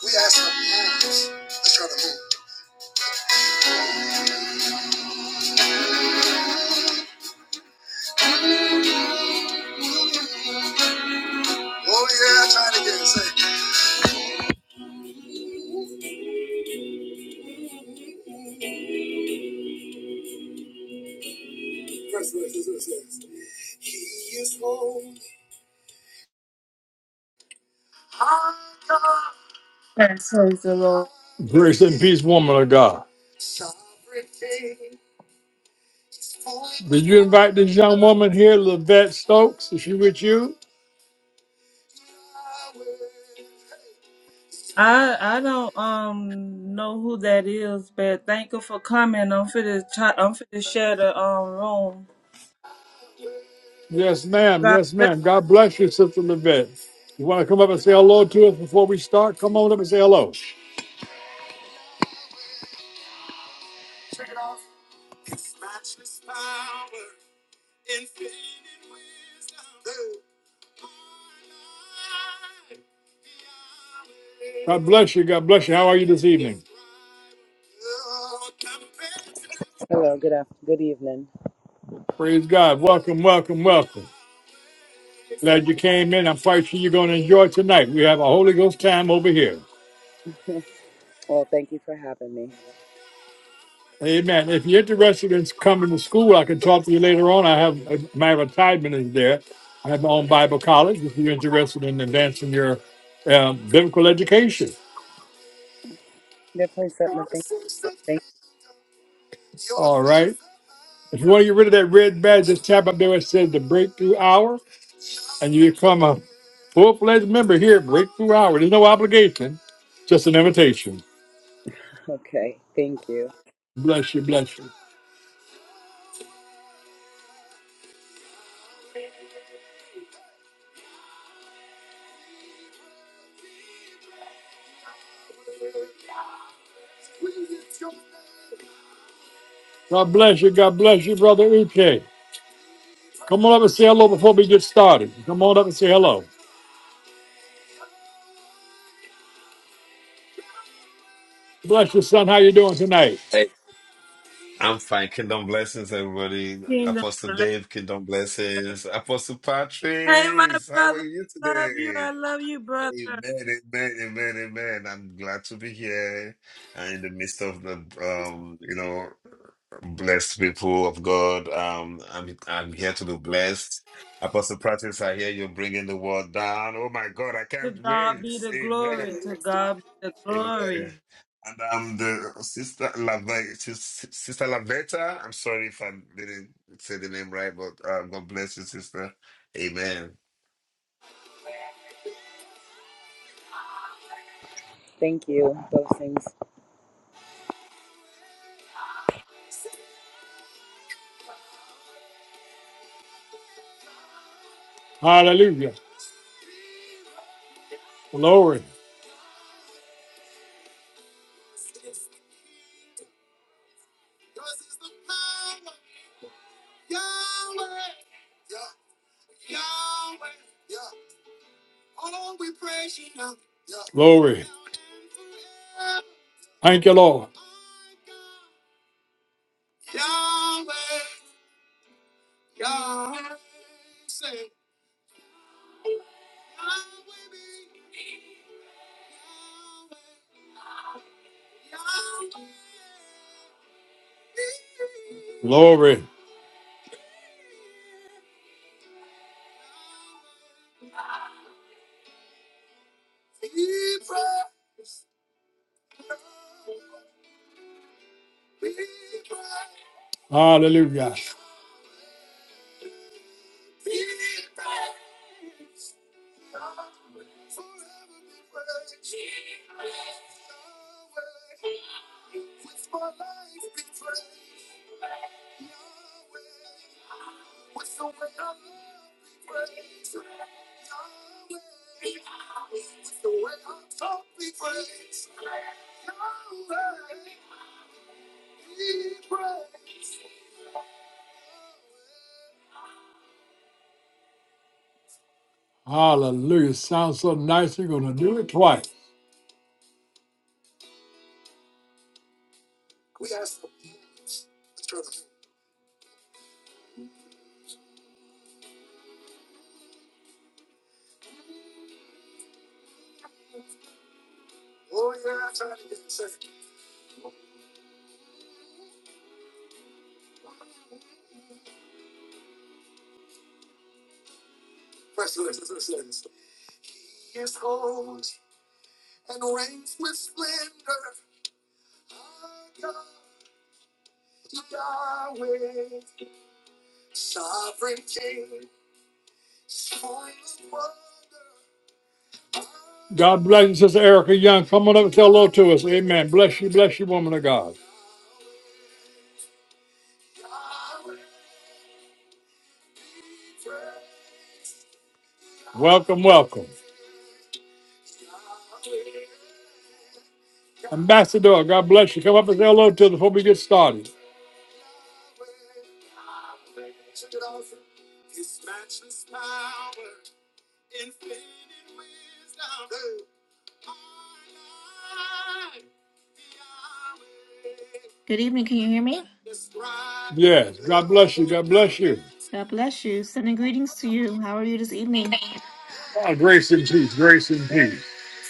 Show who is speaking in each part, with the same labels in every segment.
Speaker 1: We ask for moves. Let's try to move. Oh yeah, trying to get it
Speaker 2: Praise the Lord.
Speaker 1: Grace and peace, woman of God. Did you invite this young woman here, Lavette Stokes? Is she with you?
Speaker 2: I I don't um know who that is, but thank you for coming. I'm finna try, I'm finna share the um room.
Speaker 1: Yes, ma'am.
Speaker 2: God
Speaker 1: Yes,
Speaker 2: bless
Speaker 1: ma'am. God bless you, Sister Lavette. You want to come up and say hello to us before we start? Come on up and say hello. God bless you. God bless you. How are you this evening?
Speaker 3: Hello, good after, good evening.
Speaker 1: Praise God. Welcome, welcome, welcome. Glad
Speaker 3: Thank
Speaker 1: you came in. I'm quite sure you're going to enjoy tonight. We have a Holy Ghost time over here.
Speaker 3: you. Well, thank you for having me.
Speaker 1: Amen. If you're interested in coming to school, I can talk to you later on. I have my retirement is there. I have my own Bible college. If you're interested in advancing your um, biblical education,
Speaker 3: Definitely something to think. Thank.
Speaker 1: all right. If you want to get rid of that red badge, just tap up there where it says the Breakthrough Hour, and you become a full-fledged member here at Breakthrough Hour. There's no obligation, just an invitation.
Speaker 3: Okay, thank you.
Speaker 1: Bless you, bless you. God bless you. God bless you, brother Uche. Come on up and say hello before we get started. Come on up and say hello. Bless your son. How you doing tonight?
Speaker 4: Hey, I'm fine. Kingdom blessings, everybody.
Speaker 2: you, kingdom.
Speaker 4: Apostle
Speaker 2: bless-
Speaker 4: Dave, kingdom blessings. Apostle
Speaker 2: Hey, my
Speaker 4: Patrice, how are
Speaker 2: brother,
Speaker 4: you
Speaker 2: love you.
Speaker 4: today?
Speaker 2: I love you, brother.
Speaker 4: Amen, amen, amen, amen. I'm glad to be here and in the midst of the, um, you know, blessed people of God. Um, I'm I'm here to be blessed. Apostle Patrice, I hear you're bringing the world down. Oh my God, I
Speaker 2: To
Speaker 4: can't
Speaker 2: God
Speaker 4: wait.
Speaker 2: be the glory.
Speaker 4: Amen.
Speaker 2: To God be the glory.
Speaker 4: Amen. And um, the sister Lavetta, sister Lavetta. I'm sorry if I didn't say the name right, but uh, God bless you, sister. Amen.
Speaker 3: Thank you. Those things.
Speaker 1: Hallelujah. Glory. Glory. Thank you, Lord. Glory. Hallelujah. Hallelujah. Sounds so nice. You're going to do it twice. God bless you, Sister Erica Young. Come on up and say hello to us. Amen. Bless you. Bless you, woman of God. Welcome, welcome. Ambassador, God bless you. Come up and say hello to us before we get started.
Speaker 5: Good evening. Can you hear me?
Speaker 1: Yes. God bless you. God bless you.
Speaker 5: God bless you. Sending greetings to you. How are you this evening?
Speaker 1: Oh, grace and peace, grace and peace.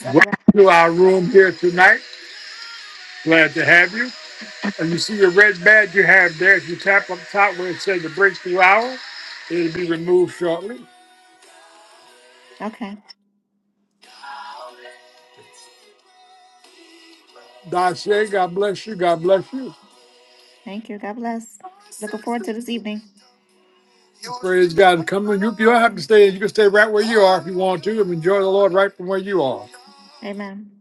Speaker 5: God
Speaker 1: Welcome
Speaker 5: bless.
Speaker 1: to our room here tonight. Glad to have you. And you see your red badge you have there. If you tap up top where it says the breakthrough hour, it'll be removed shortly.
Speaker 5: Okay.
Speaker 1: Dashe, God bless you. God bless you.
Speaker 5: Thank you. God bless. Looking forward to this evening.
Speaker 1: Praise God. Come on, you, you don't have to stay. You can stay right where you are if you want to and enjoy the Lord right from where you are.
Speaker 5: Amen.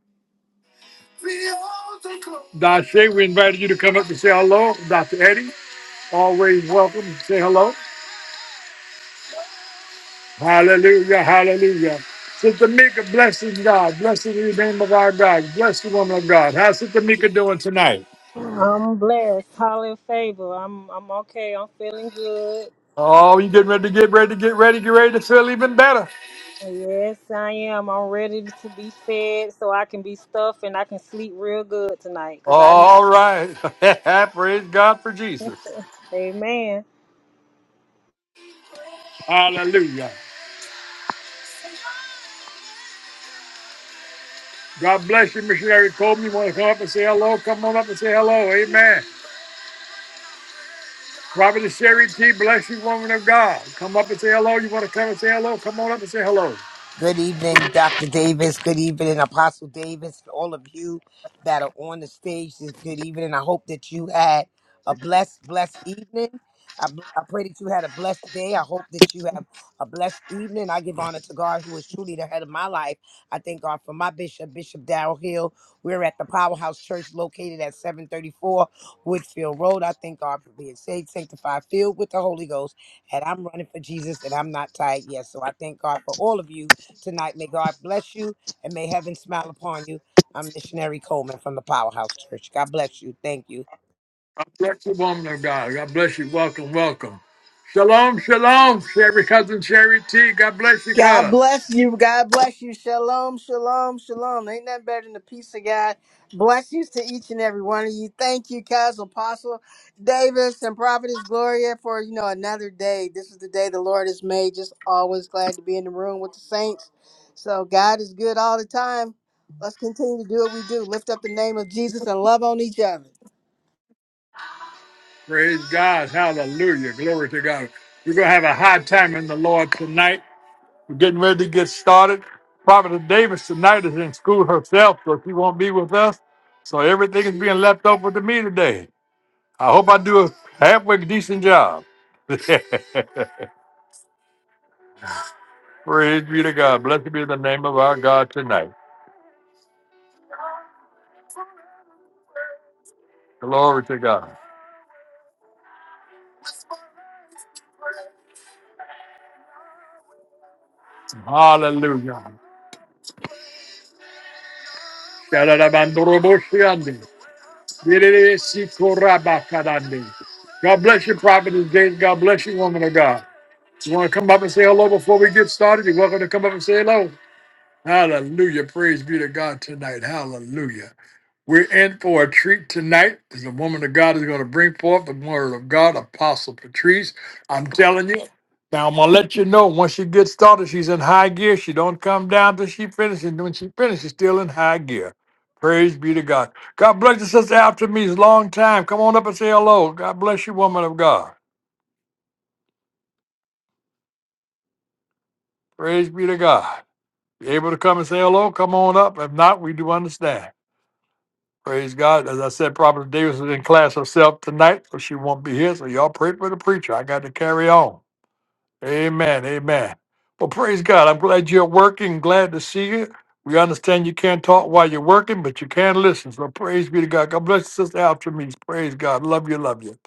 Speaker 1: Dashe, we invited you to come up and say hello. Dr. Eddie, always welcome. Say hello. Hallelujah, hallelujah. Sister Mika, blessing God. Blessed in the name of our God. Bless the woman of God. How's Sister Mika doing tonight?
Speaker 6: I'm blessed. Highly favored. I'm I'm okay. I'm feeling good.
Speaker 1: Oh, you getting ready to get ready to get ready, get ready to feel even better.
Speaker 6: Yes, I am. I'm ready to be fed so I can be stuffed and I can sleep real good tonight because I need
Speaker 1: All right. Praise God for
Speaker 6: it.
Speaker 1: Jesus.
Speaker 6: Amen.
Speaker 1: Hallelujah. God bless you, Missionary Coleman. You want to come up and say hello? Come on up and say hello. Amen. Robert and Sherry T, bless you, woman of God. Come up and say hello. You want to come and say hello? Come on up and say hello.
Speaker 7: Good evening, Dr. Davis. Good evening, Apostle Davis, and all of you that are on the stage this good evening. I hope that you had a blessed, blessed evening. I, bl- I pray that you had a blessed day. I hope that you have a blessed evening. I give honor to God, who is truly the head of my life. I thank God for my bishop, Bishop Darrell Hill. We're at the Powerhouse Church located at 734 Woodfield Road. I thank God for being saved, sanctified, filled with the Holy Ghost. And I'm running for Jesus and I'm not tired yet. So I thank God for all of you tonight. May God bless you and may heaven smile upon you. I'm Missionary Coleman from the Powerhouse Church. God bless you. Thank you.
Speaker 1: Bless the woman of God. God bless you. Welcome, welcome. Shalom, shalom, Sherry cousin Sherry T. God bless you,
Speaker 8: God
Speaker 1: cuz.
Speaker 8: bless you. God bless you. Shalom, shalom, shalom. Ain't nothing better than the peace of God. Blessings to each and every one of you. Thank you, Cuz Apostle Davis and Prophetess Gloria for, you know, another day. This is the day the Lord has made. Just always glad to be in the room with the saints. So God is good all the time. Let's continue to do what we do. Lift up the name of Jesus and love on each other.
Speaker 1: Praise God. Hallelujah. Glory to God. We're going to have a high time in the Lord tonight. We're getting ready to get started. Prophet Davis tonight is in school herself, so she won't be with us. So everything is being left over to me today. I hope I do a halfway decent job. Praise be to God. Blessed be the name of our God tonight. Glory to God. Hallelujah. Shalalabandaroboshiande. Yedididisikorabakadande. God bless you, Prophet of James. God bless you, woman of God. You want to come up and say hello before we get started? You're welcome to come up and say hello. Hallelujah. Praise be to God tonight. Hallelujah. We're in for a treat tonight as the woman of God is going to bring forth the word of God, Apostle Patrice. I'm telling you. Now I'm gonna let you know once she gets started, she's in high gear. She don't come down till she finishes. And when she finishes, she's still in high gear. Praise be to God. God bless you, sister after me. It's a long time. Come on up and say hello. God bless you, woman of God. Praise be to God. You able to come and say hello? Come on up. If not, we do understand. Praise God. As I said, Prophet Davis is in class herself tonight, so she won't be here. So y'all pray for the preacher. I got to carry on. Amen. Amen. Well, praise God. I'm glad you're working. Glad to see you. We understand you can't talk while you're working, but you can listen. So praise be to God. God bless you, Sister Altramise. Praise God. Love you. Love you.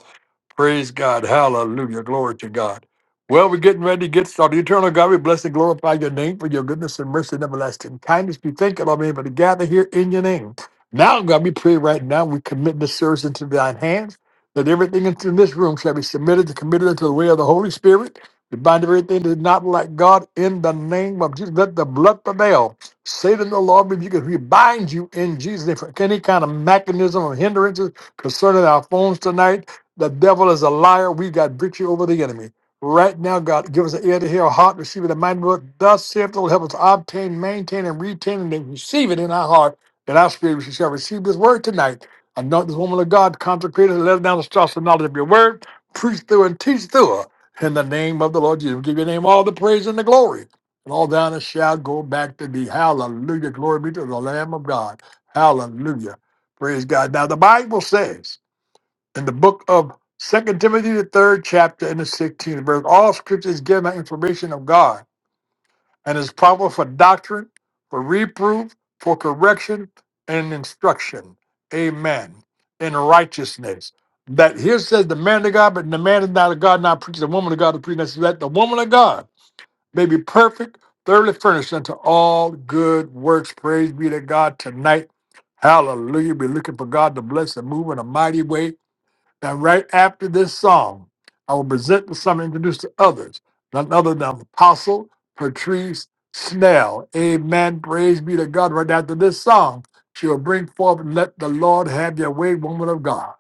Speaker 1: Praise God. Hallelujah. Glory to God. Well, we're getting ready to get started. Eternal God, we bless and glorify your name for your goodness and mercy and everlasting kindness. We thank you, Lord, being able to gather here in your name. Now, God, we pray right now. We commit this service into thine hands. That everything in this room shall be submitted and committed into the way of the Holy Spirit. We bind everything that is not like God in the name of Jesus. Let the blood prevail. Satan, the Lord, rebuke us. We bind you in Jesus' name for any kind of mechanism or hindrances concerning our phones tonight the devil is a liar. We've got victory over the enemy. Right now, God, give us an ear to hear, a heart to receive it, a mind to work. Thus saith the Lord, help us to obtain, maintain, and retain, and then receive it in our heart, that our spirit we shall receive this word tonight. Anoint this woman of God, consecrate her, let her down the strauss of knowledge of your word, preach through and teach through her. In the name of the Lord Jesus, we give your name all the praise and the glory. And all thou and shall go back to thee. Hallelujah. Glory be to the Lamb of God. Hallelujah. Praise God. Now, the Bible says, in the book of Second Timothy, the third chapter, and the sixteenth verse. All scripture is given by information of God and is proper for doctrine, for reproof, for correction, and instruction. Amen. In righteousness. That here says the man of God, but the man is not of God, not preach the woman of God to preach. That's that the woman of God may be perfect, thoroughly furnished unto all good works. Praise be to God tonight. Hallelujah. Be looking for God to bless and move in a mighty way now, right after this song, I will present the song and introduce to others, none other than Apostle Patrice Snell. Amen. Praise be to God. Right after this song, she will bring forth, Let the Lord Have Your Way, Woman of God.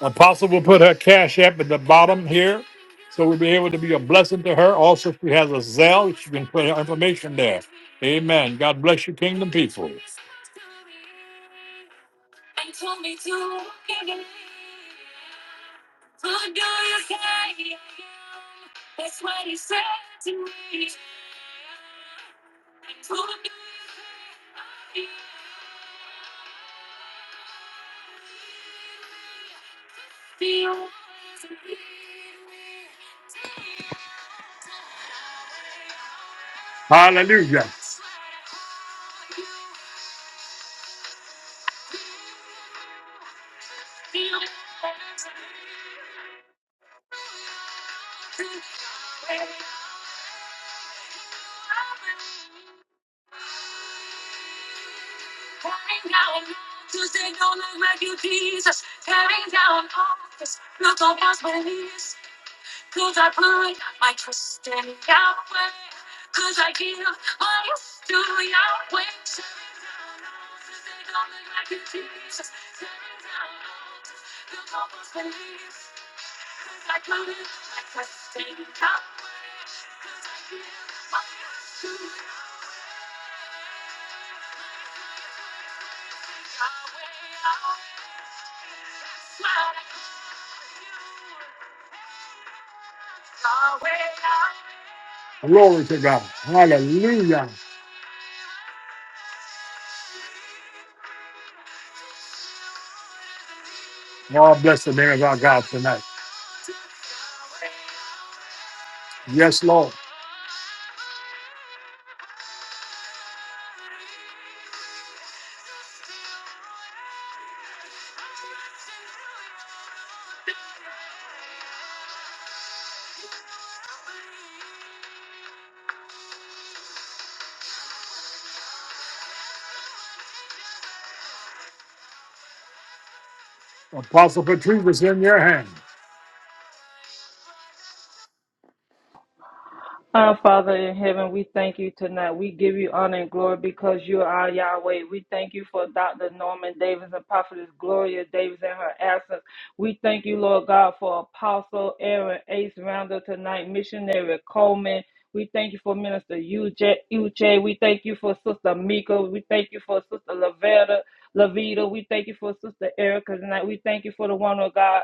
Speaker 1: Apostle will put her cash app at the bottom here, so we'll be able to be a blessing to her. Also, if she has a Zelle, she can put her information there. Amen. God bless you, kingdom people. Hallelujah. Glory to God. Hallelujah. Lord bless the name of our God tonight. Yes, Lord. Apostle Patrice is in your hand.
Speaker 2: Our Father in heaven, we thank you tonight. We give you honor and glory because you are Yahweh. We thank you for Dr. Norman Davis and Prophetess Gloria Davis and her absence. We thank you, Lord God, for Apostle Aaron Ace Rounder tonight, Missionary Coleman. We thank you for Minister UJ. UJ. We thank you for Sister Mika. We thank you for Sister Lavetta, Lavita. We thank you for Sister Erica tonight. We thank you for the one of God,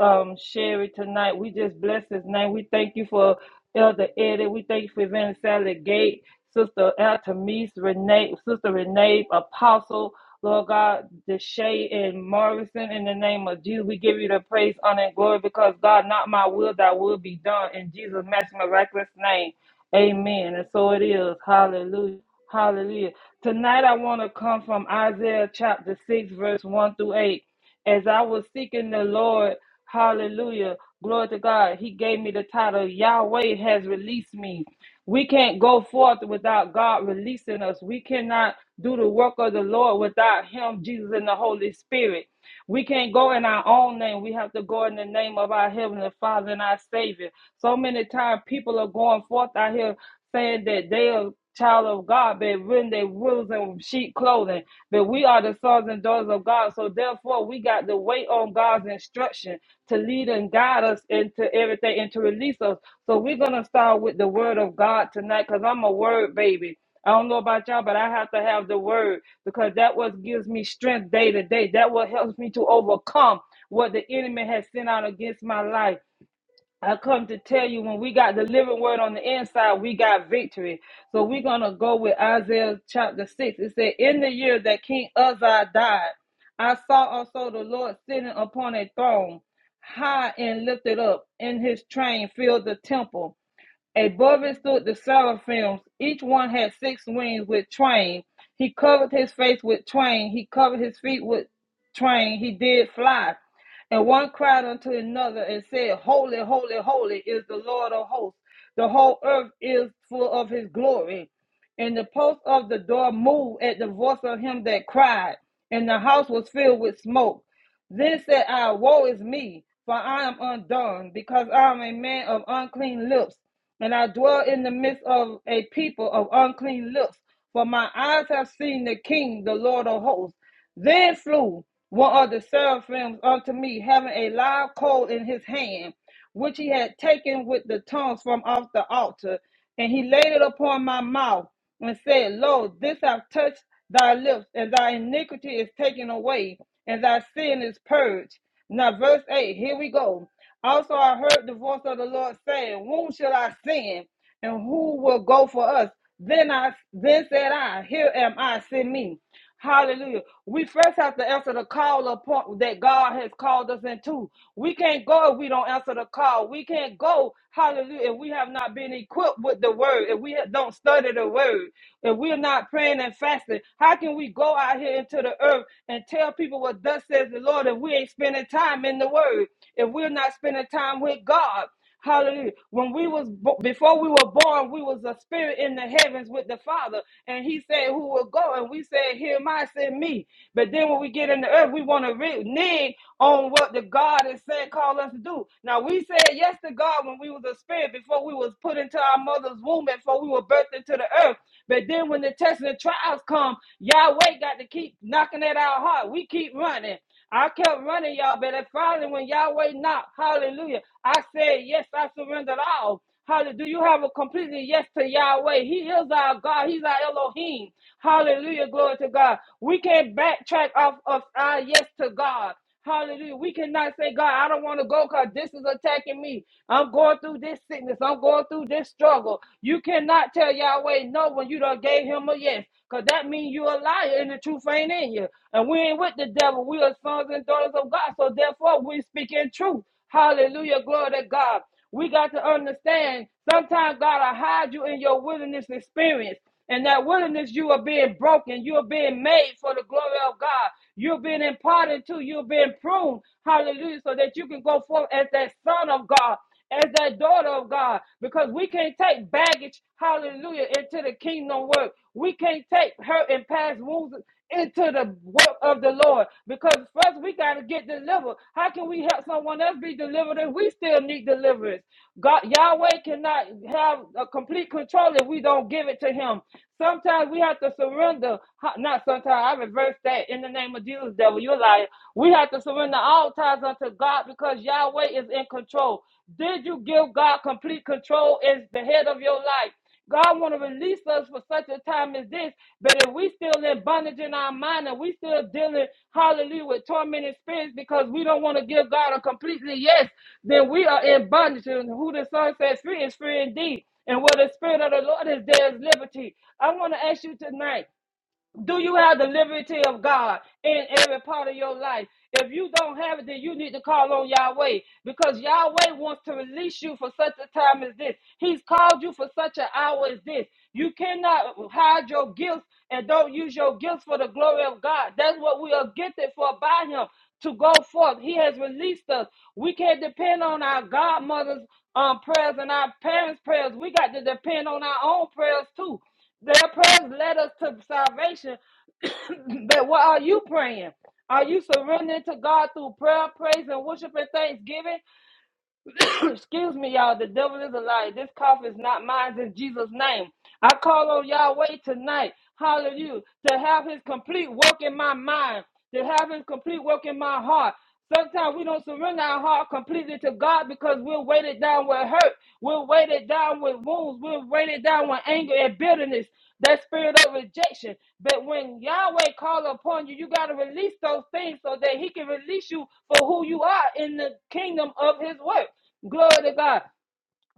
Speaker 2: um, Sherry tonight. We just bless his name. We thank you for Elder Eddie. We thank you for Evangelist Sally Gate, Sister Altamise, Renee, Sister Renee, Apostle, Lord God, Deshay and Morrison. In the name of Jesus, we give you the praise, honor, and glory because God, not my will, thy will be done. In Jesus' mighty, miraculous name. Amen. And so it is. Hallelujah. Hallelujah. Tonight I want to come from Isaiah chapter 6, verse 1 through 8. As I was seeking the Lord, hallelujah, glory to God, He gave me the title Yahweh has released me. We can't go forth without God releasing us. We cannot do the work of the Lord without Him, Jesus, and the Holy Spirit. We can't go in our own name. We have to go in the name of our Heavenly Father and our Savior. So many times people are going forth out here saying that they are child of God, but when they wolves and sheep clothing, but we are the sons and daughters of God. So therefore, we got to wait on God's instruction to lead and guide us into everything and to release us. So we're gonna start with the word of God tonight, cause I'm a word baby. I don't know about y'all, but I have to have the word because that what gives me strength day to day. That what helps me to overcome what the enemy has sent out against my life. I come to tell you when we got the living word on the inside, we got victory. So we're going to go with Isaiah chapter 6. It said, In the year that King Uzziah died, I saw also the Lord sitting upon a throne, high and lifted up, and his train filled the temple. Above it stood the seraphims. Each one had six wings with twain. He covered his face with twain. He covered his feet with twain. He did fly. And one cried unto another and said, Holy, holy, holy is the Lord of hosts. The whole earth is full of his glory. And the post of the door moved at the voice of him that cried. And the house was filled with smoke. Then said I, Woe is me, for I am undone, because I am a man of unclean lips, and I dwell in the midst of a people of unclean lips. For my eyes have seen the King, the Lord of hosts. Then flew one of the seraphims unto me, having a live coal in his hand, which he had taken with the tongues from off the altar. And he laid it upon my mouth and said, Lo, this hath touched thy lips, and thy iniquity is taken away, and thy sin is purged. Now, verse 8, here we go. Also, I heard the voice of the Lord saying, Whom shall I send, and who will go for us? Then I then said I, Here am I, send me. Hallelujah. We first have to answer the call upon that God has called us into. We can't go if we don't answer the call. We can't go, hallelujah, if we have not been equipped with the word, if we don't study the word, if we're not praying and fasting. How can we go out here into the earth and tell people what thus says the Lord if we ain't spending time in the word, if we're not spending time with God? Hallelujah. When we was bo- before we were born, we was a spirit in the heavens with the Father, and He said, "Who will go?" And we said, "Him I send me." But then when we get in the earth, we want to renege on what the God is saying, call us to do. Now we said yes to God when we was a spirit before we was put into our mother's womb, and before we were birthed into the earth. But then when the tests and trials come, Yahweh got to keep knocking at our heart. We keep running. I kept running, y'all, but it finally, when Yahweh knocked, hallelujah, I said, Yes, I surrendered all. Hallelujah. Do you have a completely yes to Yahweh? He is our God. He's our Elohim. Hallelujah. Glory to God. We can't backtrack off of our yes to God. Hallelujah. We cannot say, God, I don't want to go because this is attacking me. I'm going through this sickness. I'm going through this struggle. You cannot tell Yahweh no when you done gave him a yes. Because that means you're a liar and the truth ain't in you. And we ain't with the devil. We are sons and daughters of God. So therefore, we speak in truth. Hallelujah. Glory to God. We got to understand sometimes God will hide you in your wilderness experience. And that willingness, you are being broken. You're being made for the glory of God. You're being imparted to. You're being pruned. Hallelujah. So that you can go forth as that son of God, as that daughter of God. Because we can't take baggage, hallelujah, into the kingdom work. We can't take hurt and past wounds into the work of the Lord. Because first we got to get delivered. How can we help someone else be delivered if we still need deliverance? God Yahweh cannot have a complete control if we don't give it to him. Sometimes we have to surrender. Ha- Not sometimes, I reverse that in the name of Jesus, devil. You're a liar. We have to surrender all ties unto God because Yahweh is in control. Did you give God complete control as the head of your life? God want to release us for such a time as this. But if we still in bondage in our mind and we still dealing, hallelujah, with tormented spirits because we don't want to give God a completely yes, then we are in bondage. And who the Son says free is free indeed. And where the Spirit of the Lord is, there is liberty. I want to ask you tonight. Do you have the liberty of God in every part of your life? If you don't have it, then you need to call on Yahweh because Yahweh wants to release you for such a time as this. He's called you for such an hour as this. You cannot hide your gifts and don't use your gifts for the glory of God. That's what we are gifted for by Him to go forth. He has released us. We can't depend on our godmother's um, prayers and our parents' prayers. We got to depend on our own prayers too. Their prayers led us to salvation. but what are you praying? Are you surrendering to God through prayer, praise, and worship and thanksgiving? Excuse me, y'all. The devil is a liar. This cough is not mine in Jesus' name. I call on Yahweh tonight. Hallelujah. To have his complete work in my mind, to have his complete work in my heart. Sometimes we don't surrender our heart completely to God because we're weighted down with hurt. We're weighted down with wounds. We're weighted down with anger and bitterness, that spirit of rejection. But when Yahweh calls upon you, you got to release those things so that He can release you for who you are in the kingdom of His work. Glory to God.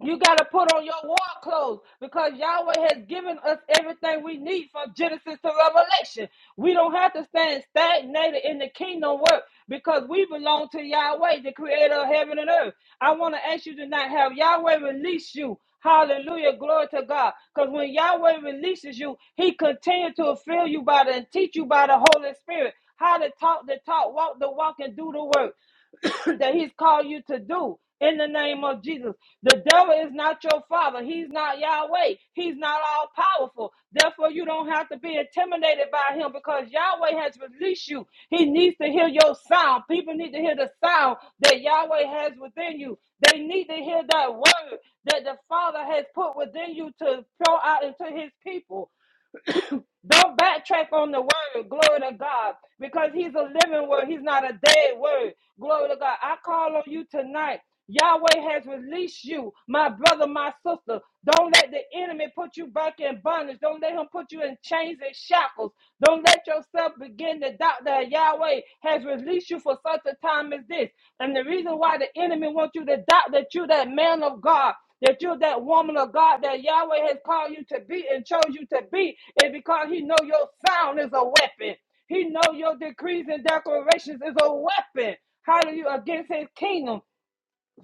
Speaker 2: You got to put on your war clothes because Yahweh has given us everything we need from Genesis to Revelation. We don't have to stand stagnated in the kingdom work because we belong to Yahweh, the creator of heaven and earth. I want to ask you tonight have Yahweh release you. Hallelujah. Glory to God. Because when Yahweh releases you, he continues to fill you by the and teach you by the Holy Spirit how to talk the talk, walk the walk, and do the work that he's called you to do in the name of Jesus. The devil is not your father. He's not Yahweh. He's not all powerful. Therefore, you don't have to be intimidated by him because Yahweh has released you. He needs to hear your sound. People need to hear the sound that Yahweh has within you. They need to hear that word that the Father has put within you to pour out into his people. Don't backtrack on the word, glory to God, because He's a living word. He's not a dead word, glory to God. I call on you tonight. Yahweh has released you, my brother, my sister. Don't let the enemy put you back in bondage. Don't let him put you in chains and shackles. Don't let yourself begin to doubt that Yahweh has released you for such a time as this. And the reason why the enemy wants you to doubt that you're that man of God that you're that woman of God that Yahweh has called you to be and chose you to be is because He know your sound is a weapon. He know your decrees and declarations is a weapon. Hallelujah against His kingdom.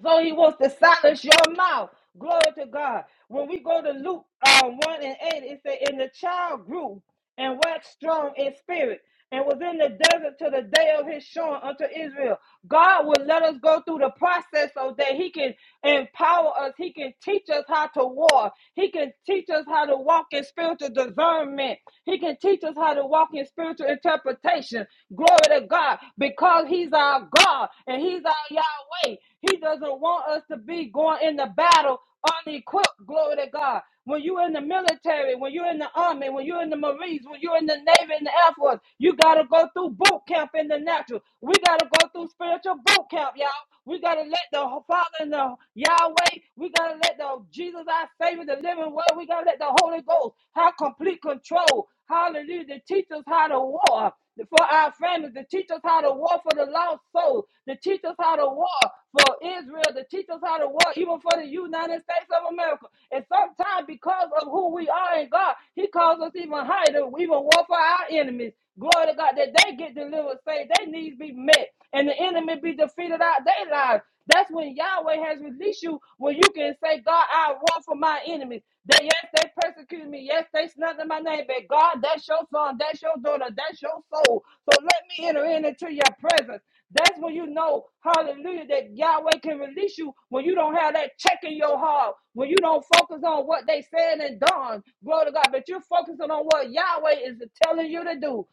Speaker 2: So he wants to silence your mouth. Glory to God. When we go to Luke uh, 1 and 8, it says, And the child grew and waxed strong in spirit and was in the desert to the day of his showing unto Israel. God will let us go through the process so that he can empower us. He can teach us how to war. He can teach us how to walk in spiritual discernment. He can teach us how to walk in spiritual interpretation visitation. Glory to God, because He's our God and He's our Yahweh. He doesn't want us to be going in the battle unequipped. Glory to God. When you're in the military, when you're in the army, when you're in the Marines, when you're in the Navy and the Air Force, you got to go through boot camp in the natural. We got to go through spiritual boot camp, y'all. We got to let the Father and the Yahweh, we got to let the Jesus, our Savior, the living word, we got to let the Holy Ghost have complete control. Hallelujah. To teach us how to war for our families, to teach us how to war for the lost souls, to teach us how to war for Israel, to teach us how to war even for the United States of America. And sometimes, because of who we are in God, He calls us even higher to even war for our enemies. Glory to God that they get delivered, say their needs be met and the enemy be defeated out their lives. That's when Yahweh has released you, when you can say, God, I run for my enemies. They, yes, they persecuted me. Yes, they slandered my name. But God, that's your son. That's your daughter. That's your soul. So let me enter into your presence. That's when you know, hallelujah, that Yahweh can release you when you don't have that check in your heart, when you don't focus on what they said and done, glory to God, but you're focusing on what Yahweh is telling you to do.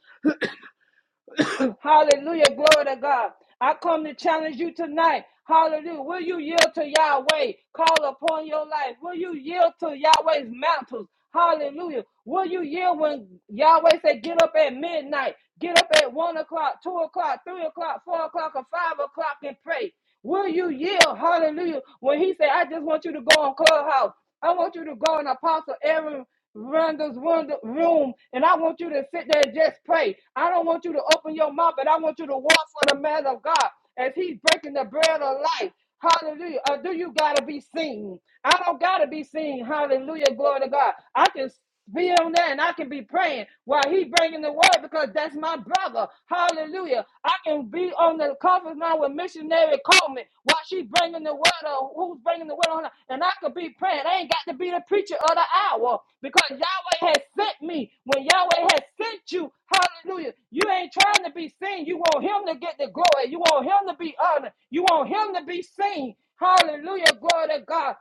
Speaker 2: Hallelujah. Glory to God. I come to challenge you tonight. Hallelujah. Will you yield to Yahweh? Call upon your life. Will you yield to Yahweh's mantles? Hallelujah. Will you yield when Yahweh said, get up at midnight, get up at one o'clock, two o'clock, three o'clock, four o'clock, or five o'clock and pray? Will you yell, Hallelujah. When he said, I just want you to go on Clubhouse. I want you to go in Apostle Aaron Randall's wonder- room and I want you to sit there and just pray. I don't want you to open your mouth, but I want you to walk for the man of God as he's breaking the bread of life. Hallelujah. Or do you got to be seen? I don't got to be seen. Hallelujah. Glory to God. I can be on there and I can be praying while he bringing the word because that's my brother. Hallelujah. I can be on the conference line with missionary Coleman while she bringing the word or who's bringing the word on her and I could be praying. I ain't got to be the preacher of the hour because Yahweh has sent me. When Yahweh has sent you, hallelujah, you ain't trying to be seen. You want him to get the glory. You want him to be honored. You want him to be seen. Hallelujah. Glory to God.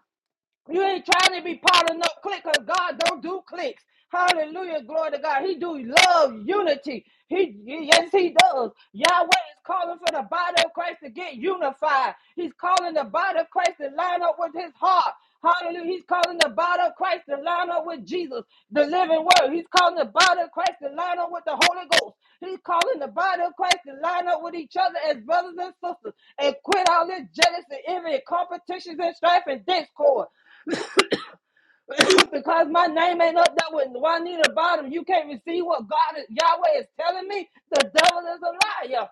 Speaker 2: You ain't trying to be part of no clique because God don't do cliques. Hallelujah. Glory to God. He do love unity. He yes, he does. Yahweh is calling for the body of Christ to get unified. He's calling the body of Christ to line up with his heart. Hallelujah. He's calling the body of Christ to line up with Jesus, the living word. He's calling the body of Christ to line up with the Holy Ghost. He's calling the body of Christ to line up with each other as brothers and sisters and quit all this jealousy, envy, competitions, and strife and discord. because my name ain't up there with Juanita Bottom, you can't receive what God is, Yahweh is telling me. The devil is a liar.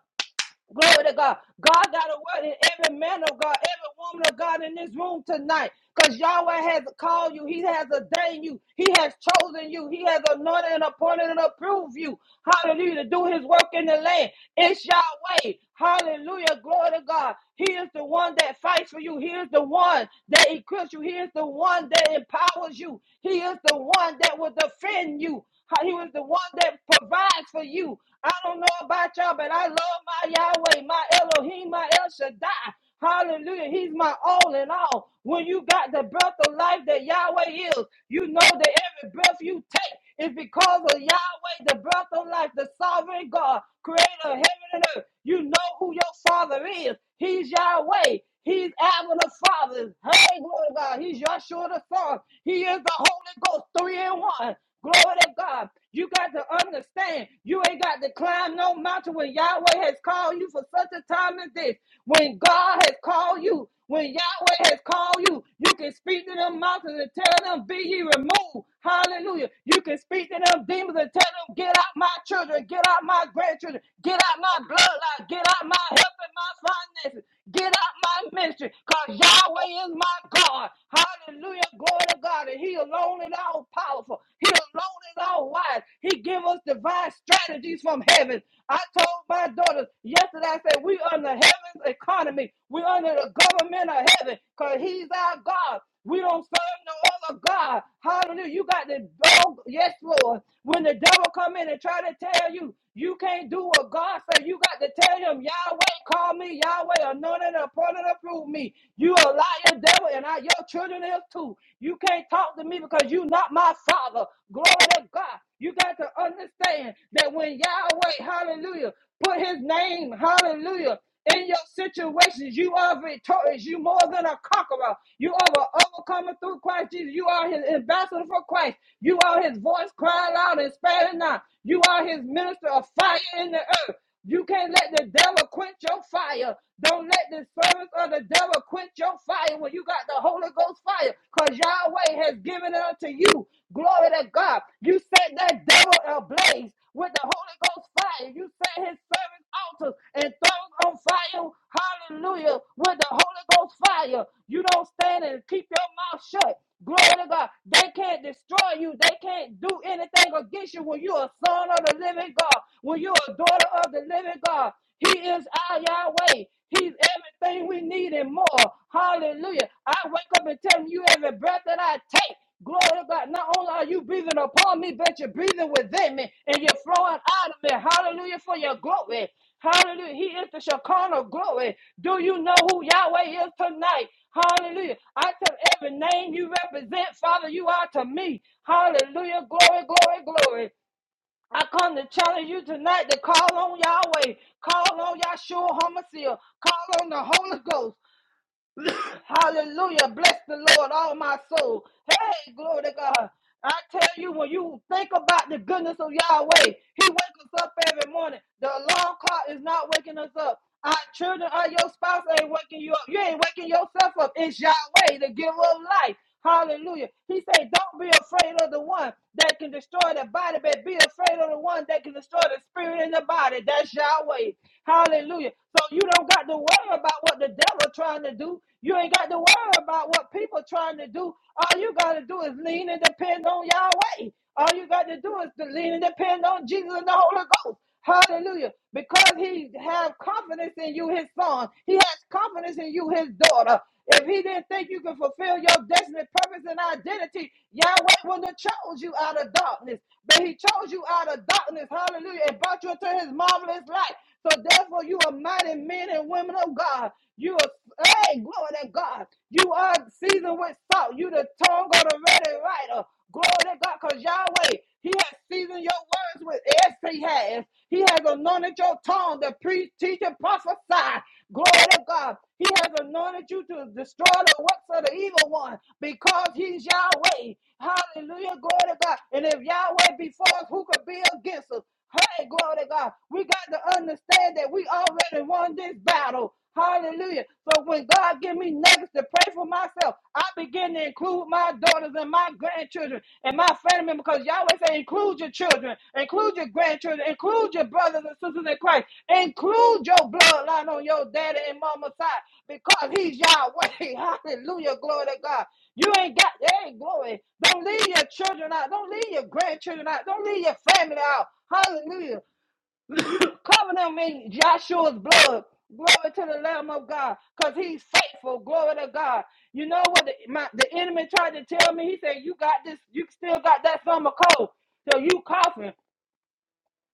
Speaker 2: Glory to God. God got a word in every man of God, every woman of God in this room tonight. Because Yahweh has called you. He has ordained you. He has chosen you. He has anointed and appointed and approved you. Hallelujah. To do his work in the land. It's Yahweh. Hallelujah. Glory to God. He is the one that fights for you. He is the one that equips you. He is the one that empowers you. He is the one that will defend you. He was the one that provides for you. I don't know about y'all, but I love my Yahweh, my Elohim, my El Shaddai. Hallelujah. He's my all in all. When you got the breath of life that Yahweh is, you know that every breath you take is because of Yahweh, the breath of life, the sovereign God, creator of heaven and earth. You know who your father is. He's Yahweh. He's Abba the Father. Hey, glory to God. He's Yahshua the Son. He is the Holy Ghost, three in one. Glory to God. You got to understand. You ain't got to climb no mountain when Yahweh has called you for such a time as this. When God has called you, when Yahweh has called you, you can speak to them mountains and tell them, Be ye removed. Hallelujah. You can speak to them demons and tell them, Get out my children, get out my grandchildren, get out my bloodline, get out my help and my finances finances. Get out my ministry because Yahweh is my God. Hallelujah. Glory to God. And He alone is all powerful. He alone is all wise. He give us divine strategies from heaven. I told my daughters yesterday, I said, we under heaven's economy. we under the government of heaven because He's our God. We don't serve no other God. Hallelujah. You got to go. Yes, Lord. When the devil come in and try to tell you, you can't do what God said. You got to tell him, Yahweh, call me Yahweh, anointed and appointed, approve me. You a liar, devil, and I, your children is too. You can't talk to me because you not my father. Glory to God. You got to understand that when Yahweh, hallelujah, put his name, hallelujah in your situations. You are victorious. You more than a conqueror. You are an overcomer through Christ Jesus. You are his ambassador for Christ. You are his voice crying out and sparing not. You are his minister of fire in the earth. You can't let the devil quench your fire. Don't let the servants of the devil quench your fire when you got the Holy Ghost fire, because Yahweh has given it unto you. Glory to God. You set that devil ablaze with the Holy Holy Ghost fire. You set his servants altars and thrones on fire. Hallelujah. With the Holy Ghost fire. You don't stand and keep your mouth shut. Glory to God. They can't destroy you. They can't do anything against you when you're a son of the living God, when you're a daughter of the living God. He is our Yahweh. He's everything we need and more. Hallelujah. I wake up and tell him you every breath that I take. Glory to God. Not only are you breathing upon me, but you're breathing within me and you're flowing out of me. Hallelujah for your glory. Hallelujah. He is the Shekinah of glory. Do you know who Yahweh is tonight? Hallelujah. I tell every name you represent, Father, you are to me. Hallelujah. Glory, glory, glory. I come to challenge you tonight to call on Yahweh, call on Yahshua HaMashiach, call on the Holy Ghost. Hallelujah. Bless the Lord, all my soul. Hey, glory to God. I tell you, when you think about the goodness of Yahweh, He wakes us up every morning. The alarm clock is not waking us up. Our children or your spouse ain't waking you up. You ain't waking yourself up. It's Yahweh, the giver of life. Hallelujah. He said, Don't be afraid of the one that can destroy the body, but be afraid of the one that can destroy the spirit and the body. That's Yahweh. Hallelujah. So you don't got to worry about what the devil trying to do. You ain't got to worry about what people trying to do. All you got to do is lean and depend on Yahweh. All you got to do is to lean and depend on Jesus and the Holy Ghost. Hallelujah. Because he have confidence in you, his son. He has confidence in you, his daughter. If he didn't think you could fulfill your destiny, purpose, and identity, Yahweh wouldn't have chose you out of darkness. But he chose you out of darkness, hallelujah, and brought you into his marvelous light. So therefore, you are mighty men and women of God. You are, hey, glory to God. You are seasoned with salt. You the tongue of the ready writer. Glory to God, because Yahweh, He has seasoned your words with yes, He has. He has anointed your tongue to preach, teach, and prophesy. Glory to God. He has anointed you to destroy the works of the evil one because He's Yahweh. Hallelujah. Glory to God. And if Yahweh be for us, who could be against us? Hey, glory to God. We got to understand that we already won this battle. Hallelujah. So when God give me nuggets to pray for myself, I begin to include my daughters and my grandchildren and my family members because Yahweh say include your children, include your grandchildren, include your brothers and sisters in Christ, include your bloodline on your daddy and mama's side because he's Yahweh. Hallelujah. Glory to God. You ain't got, hey, glory. Don't leave your children out. Don't leave your grandchildren out. Don't leave your family out. Hallelujah. Cover them in Joshua's blood. Glory to the Lamb of God, because he's faithful. Glory to God. You know what the, my, the enemy tried to tell me? He said, You got this, you still got that summer cold. So you coughing.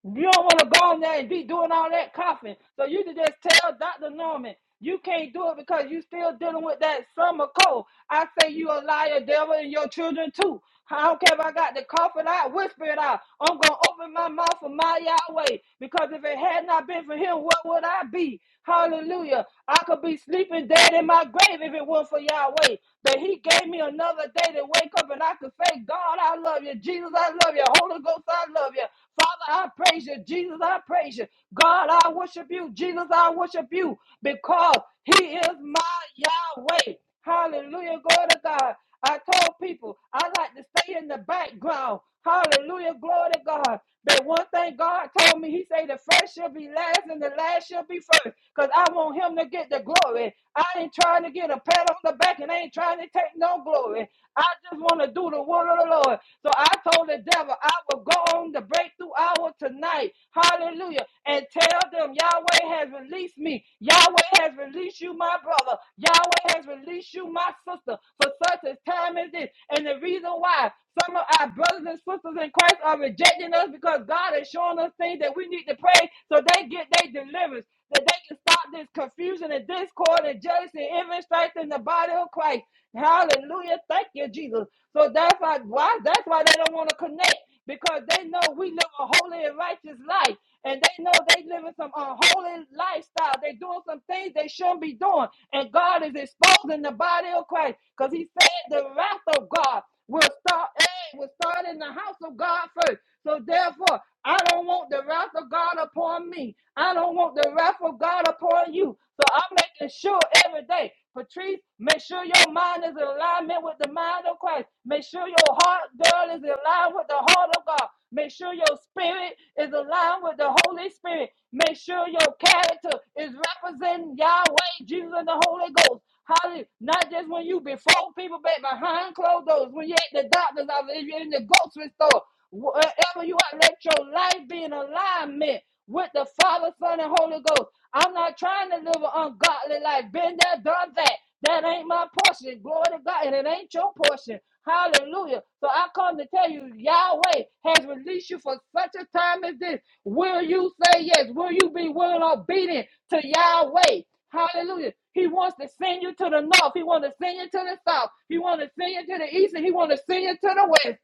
Speaker 2: You don't want to go in there and be doing all that coughing. So you can just tell Dr. Norman, you can't do it because you still dealing with that summer cold. I say you a liar, devil, and your children too. I don't care if I got to cough it out, whisper it out. I'm going to open my mouth for my Yahweh because if it had not been for him, what would I be? Hallelujah. I could be sleeping dead in my grave if it weren't for Yahweh. But he gave me another day to wake up and I could say, God, I love you. Jesus, I love you. Holy Ghost, I love you. Father, I praise you. Jesus, I praise you. God, I worship you. Jesus, I worship you because He is my Yahweh. Hallelujah. Glory to God. I told people I like to stay in the background. Hallelujah. Glory to God. But one thing God told me, He said the first shall be last and the last shall be first. Because I want Him to get the glory. I ain't trying to get a pat on the back and I ain't trying to take no your glory. I just want to do the will of the Lord. So I told the devil, I will go on the breakthrough hour tonight. Hallelujah. And tell them, Yahweh has released me. Yahweh has released you, my brother. Yahweh has released you, my sister, for such a time as this. And the reason why some of our brothers and sisters in Christ are rejecting us because God is showing us things that we need to pray so they get their deliverance that they can stop this confusion and discord and jealousy and even strengthen the body of Christ. Hallelujah. Thank you, Jesus. So that's why, why that's why they don't want to connect because they know we live a holy and righteous life. And they know they living some unholy lifestyle. They doing some things they shouldn't be doing. And God is exposing the body of Christ. Because he said the wrath of God will start, eh, will start in the house of God first. So therefore, I don't want the wrath of God upon me. I don't want the wrath of God upon you. So I'm making sure every day, Patrice, make sure your mind is in alignment with the mind of Christ. Make sure your heart, girl, is in line with the heart of God. Make sure your spirit is aligned with the Holy Spirit. Make sure your character is representing Yahweh, Jesus, and the Holy Ghost. Hallelujah. Not just when you before people, but behind closed doors, when you're at the doctor's office, if you're in the grocery store. Wherever you are, let your life be in alignment with the Father, Son, and Holy Ghost. I'm not trying to live an ungodly life. Been there, done that. That ain't my portion. Glory to God. And it ain't your portion. Hallelujah. So I come to tell you, Yahweh has released you for such a time as this. Will you say yes? Will you be willing and obedient to Yahweh? Hallelujah. He wants to send you to the north. He wants to send you to the south. He wants to send you to the east and he wants to send you to the west.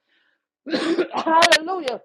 Speaker 2: Hallelujah.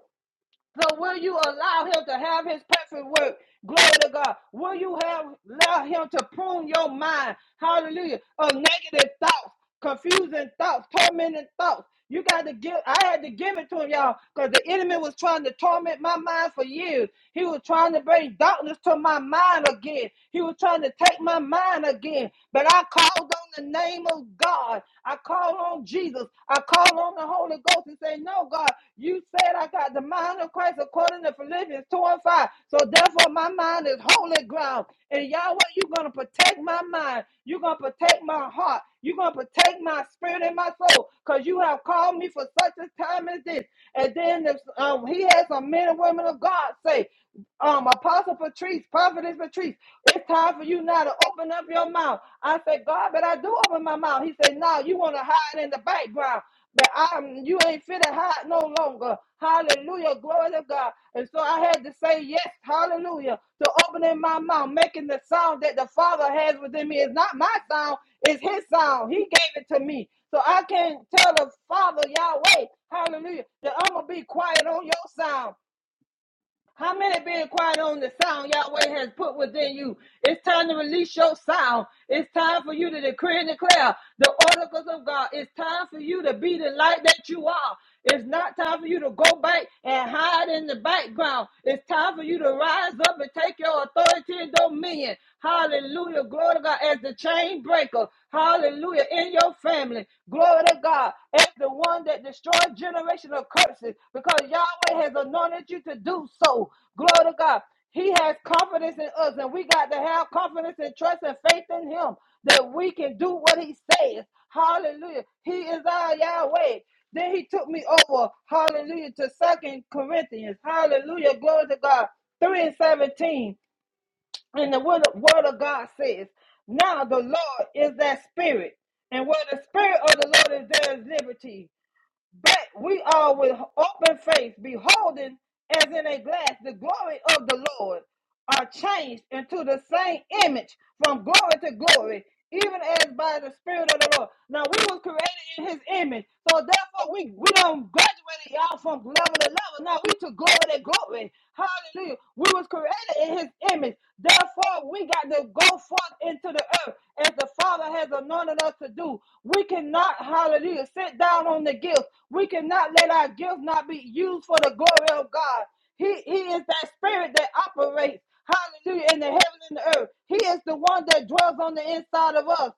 Speaker 2: So will you allow him to have his perfect work? Glory to God. Will you have allow him to prune your mind? Hallelujah. Of negative thoughts, confusing thoughts, tormenting thoughts. You got to give. I had to give it to him, y'all, because the enemy was trying to torment my mind for years. He was trying to bring darkness to my mind again. He was trying to take my mind again. But I called on the name of God. I called on Jesus. I call on the Holy Ghost and say, No, God, you said I got the mind of Christ according to Philippians 2 and 5. So therefore, my mind is holy ground. And Yahweh, you're going to protect my mind. You're going to protect my heart. You're going to protect my spirit and my soul because you have called me for such a time as this. And then if, um, he had some men and women of God say, um, Apostle Patrice, Prophetess Patrice, it's time for you now to open up your mouth. I said, God, but I do open my mouth. He said, No, you want to hide in the background. But I'm you ain't fit to hide no longer. Hallelujah. Glory to God. And so I had to say yes, hallelujah, to opening my mouth, making the sound that the Father has within me. It's not my sound, it's his sound. He gave it to me. So I can tell the Father Yahweh, hallelujah, that I'm gonna be quiet on your sound. How many being quiet on the sound Yahweh has put within you? It's time to release your sound. It's time for you to decree and declare the oracles of God. It's time for you to be the light that you are. It's not time for you to go back and hide in the background. It's time for you to rise up and take your authority and dominion. Hallelujah. Glory to God as the chain breaker. Hallelujah. In your family. Glory to God. As the one that destroys generational curses because Yahweh has anointed you to do so. Glory to God. He has confidence in us, and we got to have confidence and trust and faith in Him that we can do what He says. Hallelujah. He is our Yahweh. Then He took me over. Hallelujah. To Second Corinthians. Hallelujah. Glory to God. 3 and 17. And the word, word of God says, Now the Lord is that spirit, and where the spirit of the Lord is, there is liberty. But we are with open face, beholding as in a glass the glory of the Lord, are changed into the same image from glory to glory, even as by the spirit of the Lord. Now we was created in his image, so therefore we, we don't graduate y'all from level to level. Now we to glory to glory. Hallelujah. We was created in his image. Therefore, we got to go forth into the earth as the Father has anointed us to do. We cannot, hallelujah, sit down on the gifts. We cannot let our gifts not be used for the glory of God. He, he is that spirit that operates, hallelujah, in the heaven and the earth. He is the one that dwells on the inside of us.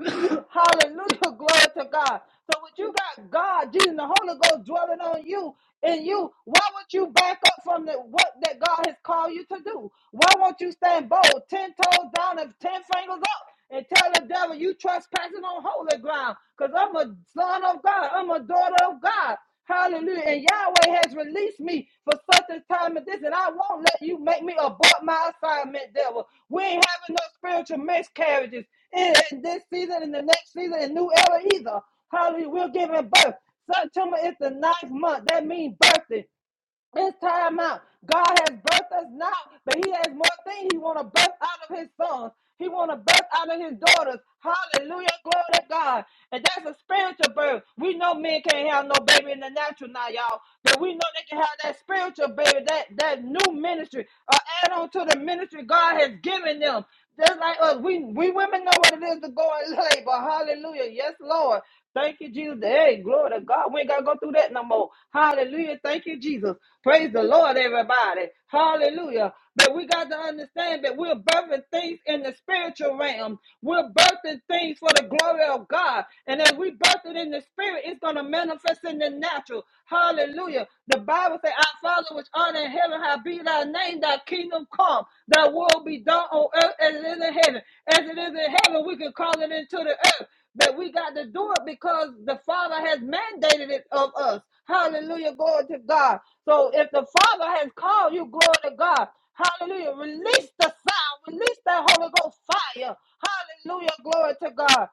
Speaker 2: Hallelujah. Glory to God. So when you got God, Jesus, and the Holy Ghost dwelling on you in you, why would you back up from the what that God has called you to do? Why won't you stand bold, ten toes down and ten fingers up? And tell the devil you trespassing on holy ground. Because I'm a son of God. I'm a daughter of God. Hallelujah. And Yahweh has released me for such a time as this, and I won't let you make me abort my assignment, devil. We ain't having no spiritual miscarriages in, in this season, in the next season, in new era either. Hallelujah. We're giving birth. September is the ninth month. That means birthing. It's time out. God has birthed us now, but He has more things He want to birth out of His sons. He want to birth out of His daughters. Hallelujah, glory to God. And that's a spiritual birth. We know men can't have no baby in the natural now, y'all, but we know they can have that spiritual baby, that that new ministry, or add on to the ministry God has given them. Just like us, we, we women know what it is to go and labor. Hallelujah. Yes, Lord. Thank you, Jesus. Hey, glory to God. We ain't got to go through that no more. Hallelujah. Thank you, Jesus. Praise the Lord, everybody. Hallelujah. But we got to understand that we're birthing things in the spiritual realm. We're birthing things for the glory of God. And as we birth it in the spirit, it's going to manifest in the natural. Hallelujah. The Bible says, Our Father which art in heaven, how be thy name, thy kingdom come, thy will be done on earth as it is in heaven. As it is in heaven, we can call it into the earth. But we got to do it because the Father has mandated it of us. Hallelujah. Glory to God. So if the Father has called you, glory to God. Hallelujah. Release the sound. Release that Holy Ghost fire. Hallelujah. Glory to God.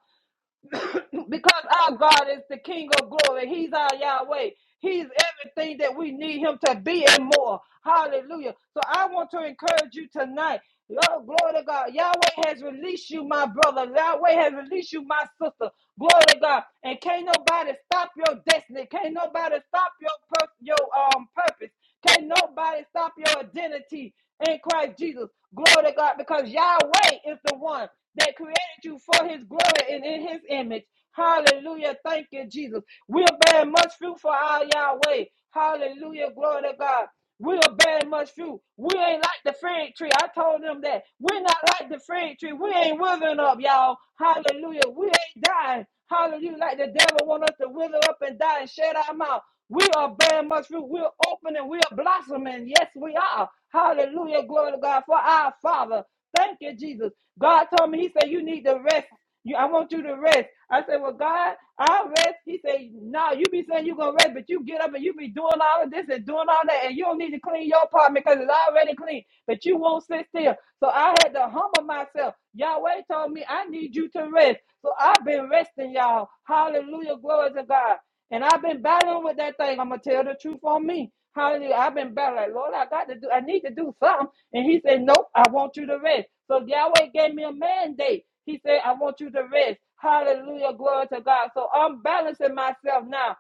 Speaker 2: because our God is the King of glory. He's our Yahweh. He's everything that we need him to be and more. Hallelujah. So I want to encourage you tonight. Oh, glory to God. Yahweh has released you, my brother. Yahweh has released you, my sister. Glory to God. And can't nobody stop your destiny. Can't nobody stop your pur- your um purpose. Can nobody stop your identity in Christ Jesus? Glory to God, because Yahweh is the one that created you for his glory and in his image. Hallelujah. Thank you, Jesus. We're bearing much fruit for our Yahweh. Hallelujah. Glory to God. We'll bear much fruit. We ain't like the fig tree. I told them that. We're not like the fig tree. We ain't withering up, y'all. Hallelujah. We ain't dying. Hallelujah. Like the devil want us to wither up and die and shut our mouth. We are bearing much fruit. We're opening. We're blossoming. Yes, we are. Hallelujah. Glory to God for our Father. Thank you, Jesus. God told me, He said, you need to rest you, I want you to rest. I said, Well, God, I'll rest. He said, No, you be saying you're gonna rest, but you get up and you be doing all of this and doing all that, and you don't need to clean your apartment because it's already clean, but you won't sit still. So I had to humble myself. Yahweh told me I need you to rest. So I've been resting, y'all. Hallelujah, glory to God. And I've been battling with that thing. I'm gonna tell the truth on me. Hallelujah. I've been battling. Like, Lord, I got to do I need to do something. And he said, Nope, I want you to rest. So Yahweh gave me a mandate. He said, I want you to rest. Hallelujah. Glory to God. So I'm balancing myself now.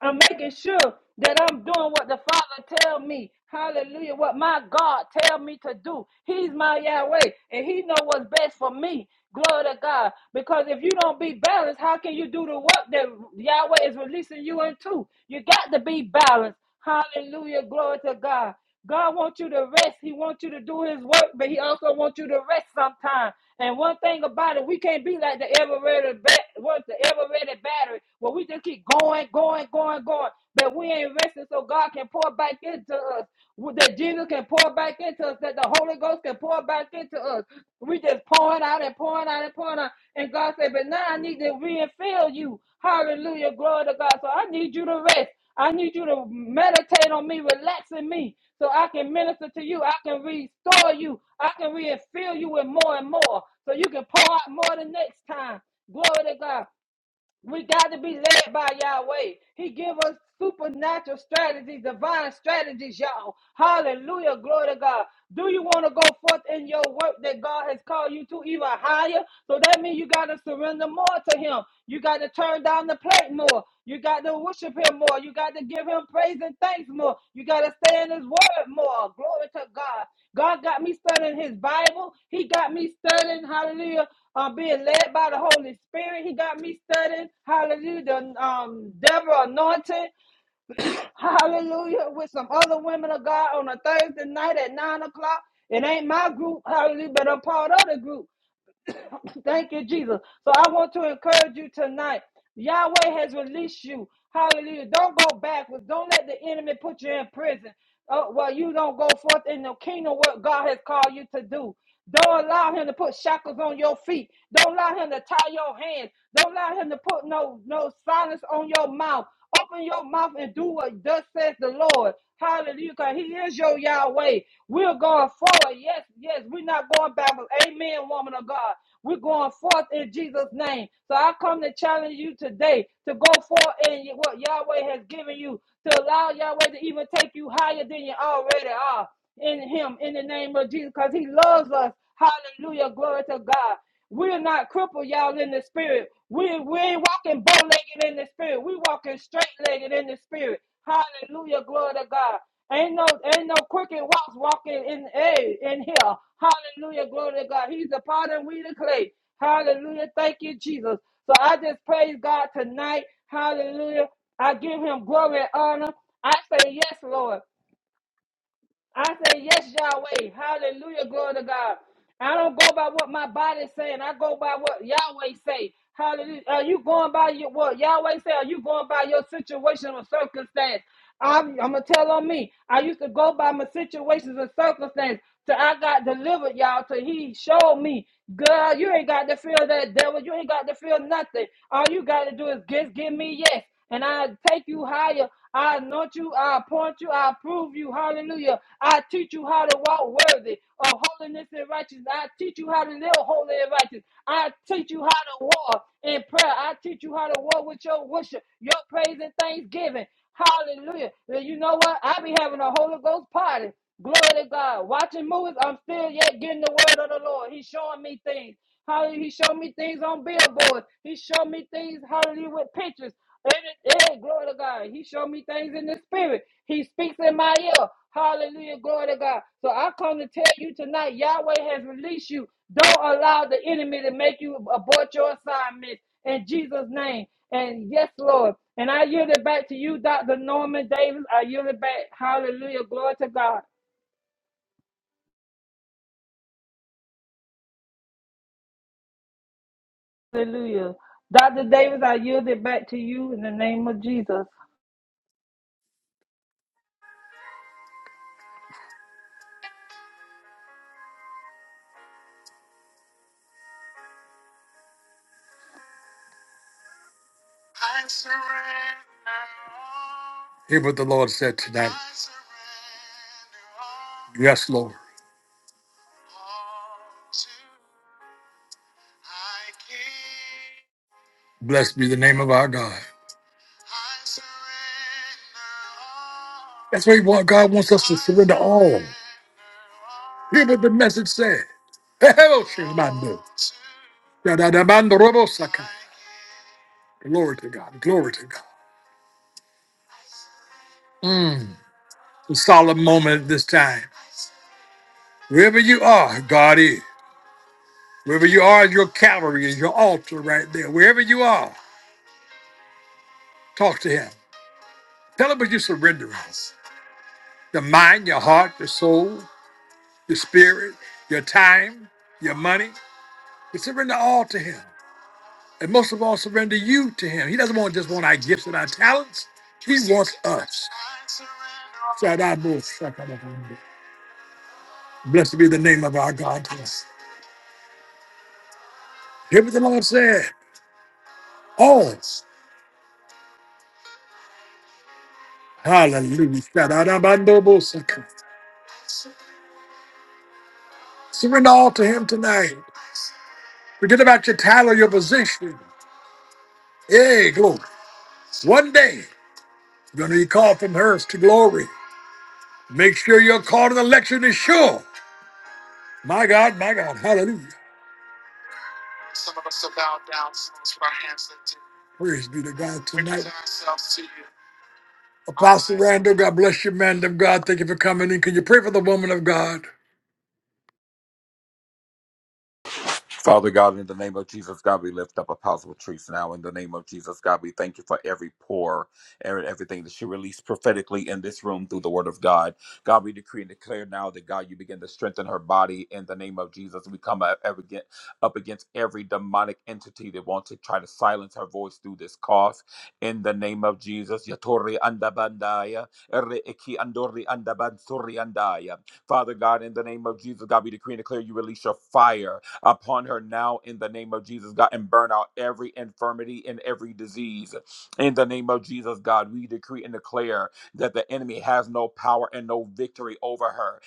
Speaker 2: I'm making sure that I'm doing what the Father tell me. Hallelujah. What my God tell me to do. He's my Yahweh and he know what's best for me. Glory to God. Because if you don't be balanced, how can you do the work that Yahweh is releasing you into? You got to be balanced. Hallelujah. Glory to God. God wants you to rest. He wants you to do his work, but he also wants you to rest sometime. And one thing about it, we can't be like the ever ready bat what's the ever ready battery where we just keep going, going, going, going. But we ain't resting so God can pour back into us. That Jesus can pour back into us, that the Holy Ghost can pour back into us. We just pouring out and pouring out and pouring out. And God said, But now I need to refill you. Hallelujah. Glory to God. So I need you to rest. I need you to meditate on me, relax in me, so I can minister to you. I can restore you. I can refill you with more and more, so you can pour out more the next time. Glory to God. We got to be led by Yahweh. He give us supernatural strategies, divine strategies, y'all. Hallelujah. Glory to God. Do you want to go forth in your work that God has called you to even higher? So that means you got to surrender more to Him. You got to turn down the plate more. You got to worship him more. You got to give him praise and thanks more. You got to stay in his word more. Glory to God. God got me studying his Bible. He got me studying, hallelujah, uh, being led by the Holy Spirit. He got me studying, hallelujah, the um, Deborah anointing. Hallelujah. With some other women of God on a Thursday night at nine o'clock. It ain't my group, hallelujah, but I'm part of the group. Thank you, Jesus. So I want to encourage you tonight. Yahweh has released you. Hallelujah. Don't go backwards. Don't let the enemy put you in prison. Oh, well, you don't go forth in the kingdom what God has called you to do. Don't allow him to put shackles on your feet. Don't allow him to tie your hands. Don't allow him to put no no silence on your mouth. Open your mouth and do what thus says the Lord. Hallelujah. 'cause He is your Yahweh. We're going forward. Yes, yes. We're not going backwards. Amen, woman of God. We're going forth in Jesus' name. So I come to challenge you today to go forth in what Yahweh has given you, to allow Yahweh to even take you higher than you already are in Him in the name of Jesus because He loves us. Hallelujah. Glory to God. We're not crippled, y'all, in the spirit. We, we ain't walking bow legged in the spirit. We walking straight legged in the spirit. Hallelujah, glory to God. Ain't no ain't no crooked walks walking in hey, in here. Hallelujah, glory to God. He's the potter and we the clay. Hallelujah, thank you, Jesus. So I just praise God tonight. Hallelujah. I give him glory and honor. I say yes, Lord. I say, Yes, Yahweh. Hallelujah. Glory to God. I don't go by what my body's saying. I go by what Yahweh say. Hallelujah. Are you going by your what Yahweh say? Are you going by your situation or circumstance? I'm, I'm gonna tell on me. I used to go by my situations and circumstances till I got delivered, y'all. Till he showed me, girl, you ain't got to feel that devil. You ain't got to feel nothing. All you got to do is just give me yes and I take you higher. I anoint you, I appoint you, I approve you. Hallelujah. I teach you how to walk worthy of holiness and righteousness. I teach you how to live holy and righteous. I teach you how to walk in prayer. I teach you how to walk with your worship, your praise and thanksgiving. Hallelujah. Well, You know what? I be having a Holy Ghost party. Glory to God. Watching movies, I'm still yet getting the word of the Lord. He's showing me things. Hallelujah. He showed me things on billboards. He showed me things, hallelujah, with pictures. Yeah, glory to God. He showed me things in the spirit. He speaks in my ear. Hallelujah, glory to God. So I come to tell you tonight, Yahweh has released you. Don't allow the enemy to make you abort your assignment in Jesus' name. And yes, Lord. And I yield it back to you, Dr. Norman Davis. I yield it back. Hallelujah, glory to God. Hallelujah. Dr. Davis, I yield it back to you in the name of Jesus.
Speaker 1: Hear what the Lord said tonight. Yes, Lord. Blessed be the name of our God. That's why what God wants us to surrender all. Hear what the message said. Glory to God. Glory to God. Mm. a solemn moment at this time. Wherever you are, God is. Wherever you are, your Calvary is your altar right there. Wherever you are. Talk to him. Tell him what you surrender us. Your mind, your heart, your soul, your spirit, your time, your money. You surrender all to him. And most of all, surrender you to him. He doesn't want just want our gifts and our talents. He wants us. Blessed be the name of our God. Hear what the Lord said. All. Hallelujah. Surrender all to him tonight. Forget about your title, your position. Hey, glory. One day. You're going to be called from earth to glory. Make sure your call to the election is sure. My God, my God. Hallelujah. Praise be to God tonight. Apostle Randall, God bless you, man of God. Thank you for coming in. Can you pray for the woman of God?
Speaker 9: Father God, in the name of Jesus, God, we lift up Apostle Patrice now. In the name of Jesus, God, we thank you for every pour and everything that she released prophetically in this room through the word of God. God, we decree and declare now that God, you begin to strengthen her body. In the name of Jesus, we come up up against up against every demonic entity that wants to try to silence her voice through this cough. In the name of Jesus, Yatori Andabandaya, Ere Eki Andori Andabansuri Andaya. Father God, in the name of Jesus, God, we decree and declare you release your fire upon her now in the name of Jesus, God, and burn out every infirmity and every disease. In the name of Jesus, God, we decree and declare that the enemy has no power and no victory over her.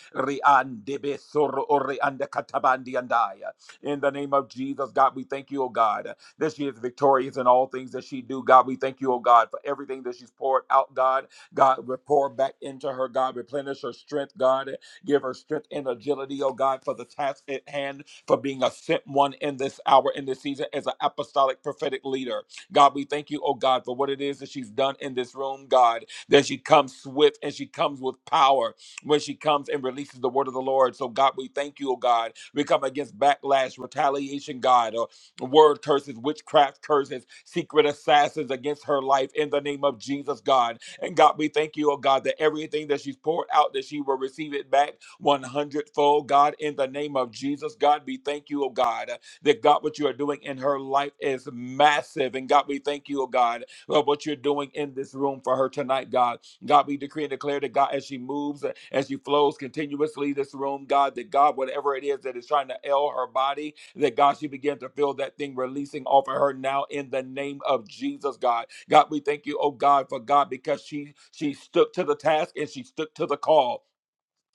Speaker 9: In the name of Jesus, God, we thank you, oh God, that she is victorious in all things that she do. God, we thank you, oh God, for everything that she's poured out, God. God, we pour back into her, God, replenish her strength, God. Give her strength and agility, oh God, for the task at hand for being a sent one in this hour, in this season, as an apostolic prophetic leader. God, we thank you, oh God, for what it is that she's done in this room, God, that she comes swift and she comes with power when she comes and releases the word of the Lord. So, God, we thank you, oh God. We come against backlash, retaliation, God, or word curses, witchcraft curses, secret assassins against her life in the name of Jesus, God. And God, we thank you, oh God, that everything that she's poured out, that she will receive it back 100 fold. God, in the name of Jesus, God, we thank you, oh God, uh, that God, what you are doing in her life is massive. And God, we thank you, oh God, of what you're doing in this room for her tonight, God. God, we decree and declare that God, as she moves, uh, as she flows continuously this room, God, that God, whatever it is that is trying to ail her body, that God, she began to feel that thing releasing off of her now in the name of Jesus, God. God, we thank you, oh God, for God, because she she stood to the task and she stood to the call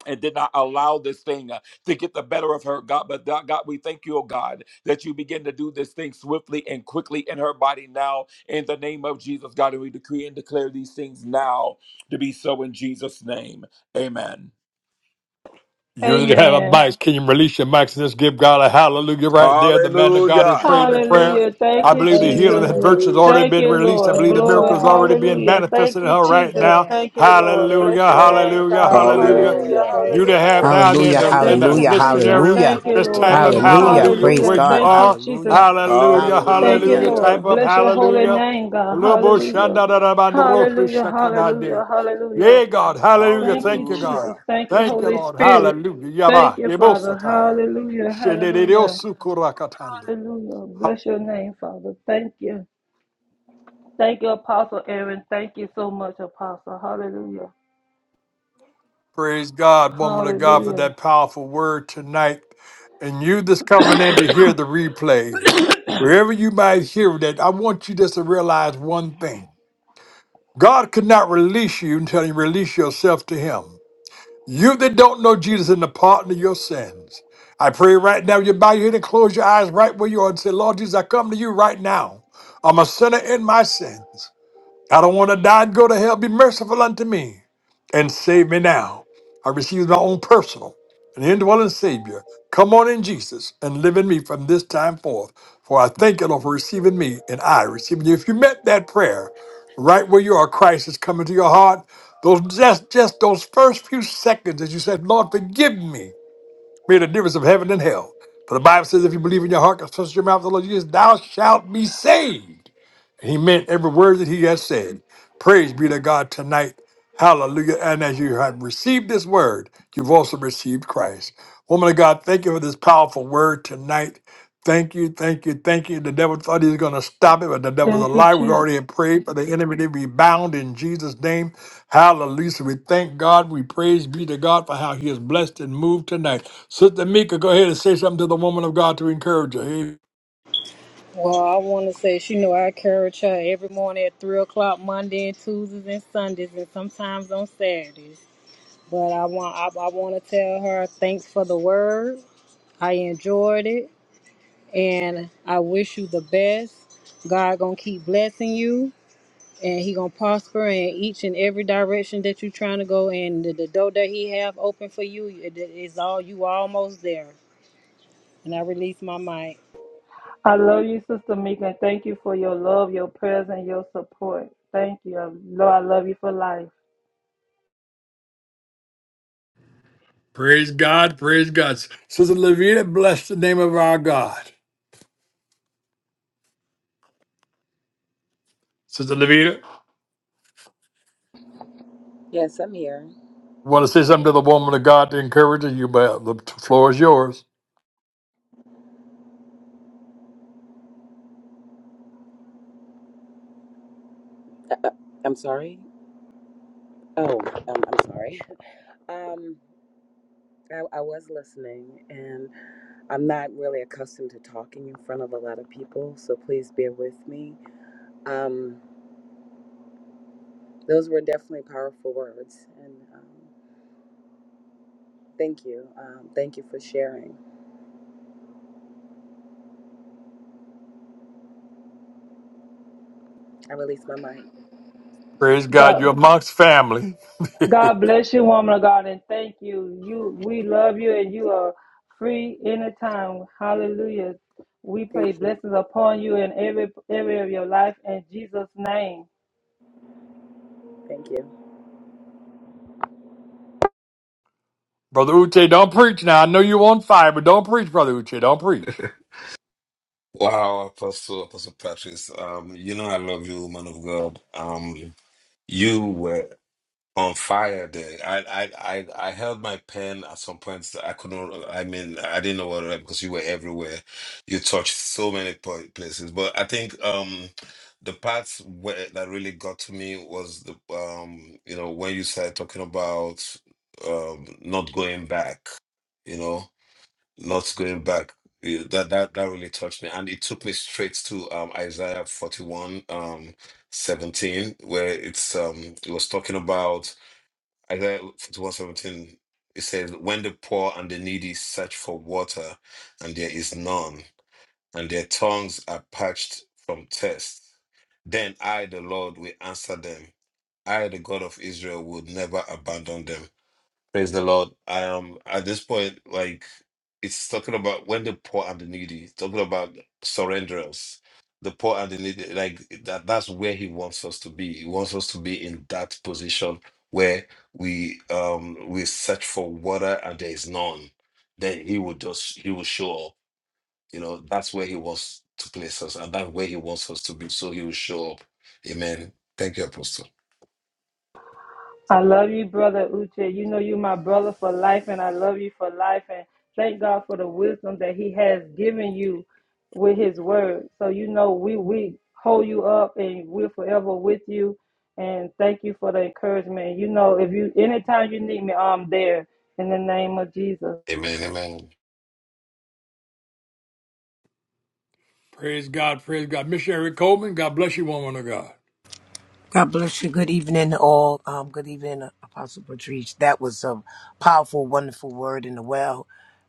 Speaker 9: and did not allow this thing uh, to get the better of her, God. But tho- God, we thank you, oh God, that you begin to do this thing swiftly and quickly in her body now, in the name of Jesus, God. And we decree and declare these things now to be so in Jesus' name. Amen.
Speaker 1: You that have a
Speaker 2: Amen.
Speaker 1: mic, can you release your mics and just give God a hallelujah right there? The man of God is
Speaker 9: Hallelujah.
Speaker 1: praying the prayer.
Speaker 2: Hallelujah.
Speaker 1: I
Speaker 2: Thank you,
Speaker 1: believe the healing
Speaker 2: Jesus.
Speaker 1: and virtue has already
Speaker 3: Hallelujah.
Speaker 2: Thank
Speaker 1: been
Speaker 2: you,
Speaker 1: released. I
Speaker 2: Lord.
Speaker 1: believe the
Speaker 6: Praise
Speaker 1: miracle
Speaker 2: Glory.
Speaker 1: is already
Speaker 6: God.
Speaker 1: being
Speaker 2: Hallelujah. Thank
Speaker 1: manifested in
Speaker 2: you,
Speaker 1: her right
Speaker 2: Jesus.
Speaker 1: now.
Speaker 6: Amen.
Speaker 2: Thank you, Lord.
Speaker 6: Yes,
Speaker 1: Hallelujah,
Speaker 2: Bless your
Speaker 6: Lord.
Speaker 2: name,
Speaker 1: hallelujah,
Speaker 2: God.
Speaker 6: Praise
Speaker 1: hallelujah.
Speaker 6: Lord.
Speaker 2: Hallelujah.
Speaker 9: Hallelujah.
Speaker 1: You
Speaker 6: Praise
Speaker 1: that have
Speaker 2: Hallelujah.
Speaker 1: down
Speaker 6: God.
Speaker 1: there in
Speaker 7: Hallelujah,
Speaker 1: the,
Speaker 6: Yes,
Speaker 1: in
Speaker 2: Thank
Speaker 1: the
Speaker 2: you,
Speaker 7: hallelujah,
Speaker 6: Jesus.
Speaker 1: listening
Speaker 2: Jesus.
Speaker 1: area,
Speaker 7: hallelujah,
Speaker 2: Thank you,
Speaker 1: this
Speaker 2: Lord.
Speaker 1: type of
Speaker 6: Amen.
Speaker 7: hallelujah.
Speaker 1: hallelujah
Speaker 7: Praise
Speaker 1: where
Speaker 9: Hallelujah.
Speaker 2: Hallelujah.
Speaker 1: you
Speaker 7: God,
Speaker 2: Thank you,
Speaker 1: are.
Speaker 2: Jesus.
Speaker 7: hallelujah,
Speaker 1: Hallelujah,
Speaker 2: Thank you,
Speaker 7: hallelujah.
Speaker 1: hallelujah, type
Speaker 2: Lord.
Speaker 1: of
Speaker 2: Bless your holy
Speaker 1: hallelujah.
Speaker 2: name, God. Hallelujah. Hallelujah. Hallelujah. Hallelujah.
Speaker 1: Yea, God. Hallelujah.
Speaker 2: Thank you,
Speaker 1: Thank you, God.
Speaker 2: Jesus.
Speaker 9: Hallelujah.
Speaker 2: Thank you,
Speaker 1: Thank you,
Speaker 2: Holy
Speaker 1: Lord.
Speaker 2: Spirit.
Speaker 1: Hallelujah.
Speaker 2: Thank
Speaker 1: Yabba.
Speaker 2: you, Father.
Speaker 1: Yebosataya.
Speaker 2: Hallelujah. Hallelujah.
Speaker 1: Shenediosukurakatando.
Speaker 2: Hallelujah. Bless your name, Father. Thank you. Thank you, Apostle Aaron. Thank you so much, Apostle. Hallelujah.
Speaker 1: Praise God, woman of God, for
Speaker 2: Hallelujah.
Speaker 1: that powerful word tonight. And you that's coming in to hear the replay, wherever you might hear that, I want you just to realize one thing. God could not release you until you release yourself to Him. You that don't know Jesus and the pardon of your sins, I pray right now you bow your head and close your eyes right where you are and say, Lord Jesus, I come to you right now. I'm a sinner in my sins. I don't want to die and go to hell. Be merciful unto me and save me now. I receive my own personal and indwelling Savior. Come on in, Jesus, and live in me from this time forth. For I thank you, Lord, for receiving me and I receiving you. If you met that prayer right where you are, Christ is coming to your heart. Those just, just those first few seconds as you said, Lord, forgive me, made a difference of heaven and hell. For the Bible says, if you believe in your heart, confess with your mouth, the Lord Jesus, thou shalt be saved. He meant every word that he has said. Praise be to God tonight. Hallelujah. And as you have received this word, you've also received Christ. Woman of God, thank you for this powerful word tonight. Thank you, thank you, thank you. The devil thought he was going to stop it, but the devil's a
Speaker 2: Thank you,
Speaker 1: lie. We
Speaker 2: Jesus.
Speaker 1: already had prayed for the enemy to be bound in Jesus' name. Hallelujah. So We thank God. We praise be to God for how he has blessed and moved tonight. Sister Mika, go ahead and say something to the woman of God to encourage her.
Speaker 6: Well, I want to say, she know I encourage her every morning at 3 o'clock, Monday and Tuesdays and Sundays, and sometimes on Saturdays. But I want I, I want to tell her thanks for the word. I enjoyed it, and I wish you the best. God gonna keep blessing you, and He gonna prosper in each and every direction that you're trying to go. And the, the door that He have open for you it- it's all you almost there. And I release my mic.
Speaker 2: I love you, Sister Meek, and thank you for your love, your prayers, and your support. Thank you. I- Lord, I love you for life.
Speaker 1: Praise God, praise God. Sister Levita, bless the name of our God. Sister Levita,
Speaker 3: Yes, I'm here.
Speaker 1: want to say something to the woman of God to encourage her? You, but the floor is yours.
Speaker 3: Uh, uh, I'm sorry. Oh, um, I'm sorry. Um, I, I was listening, and I'm not really accustomed to talking in front of a lot of people, so please bear with me. Um, those were definitely powerful words, and um, thank you. Um, thank you for sharing. I release my mic.
Speaker 1: Praise God,
Speaker 2: God,
Speaker 1: you're amongst family.
Speaker 2: God bless you, woman of God, and thank you. You, we love you, and you are free anytime. Hallelujah. We
Speaker 3: Thank
Speaker 2: pray
Speaker 3: you.
Speaker 2: blessings upon you in every area of your life in Jesus' name.
Speaker 3: Thank you.
Speaker 1: Brother Uche, don't preach now. I know you're on fire, but don't preach, Brother Uche. Don't preach.
Speaker 4: Wow, Apostle Apostle Patrice. Um, you know I love you, man of God. Um, you were on fire there. I, I, I, I held my pen at some points. I couldn't, I mean, I didn't know what to write because you were everywhere. You touched so many po- places. But I think um, the parts where, that really got to me was the, um, you know, when you started talking about um, not going back, you know, not going back. You- That, that that really touched me, and it took me straight to um, Isaiah forty one um, seventeen, where it's um, it was talking about Isaiah 51 17, it says, When the poor and the needy search for water, and there is none, and their tongues are parched from thirst, then I, the Lord, will answer them. I, the God of Israel, will never abandon them. Praise the Lord. I am at this point, like it's talking about when the poor and the needy, it's talking about surrenderers, the poor and the needy, like that that's where he wants us to be. He wants us to be in that position where we um we search for water and there is none. Then he will just he will show up. You know, that's where he wants to place us and that's where he wants us to be. So he will show up. Amen. Thank you, Apostle.
Speaker 2: I love you, brother Uche. You know you my brother for life, and I love you for life. And thank God for the wisdom that He has given you with His word. So you know we we hold you up, and we're forever with you. And thank you for the encouragement. You know, if you anytime you need me, I'm there in the name of Jesus.
Speaker 4: Amen. Amen.
Speaker 1: Praise God, praise God. Missionary Coleman, God bless you, woman of God.
Speaker 7: God bless you. Good evening, all. Um, good evening, Apostle Patrice. That was a powerful, wonderful word in the well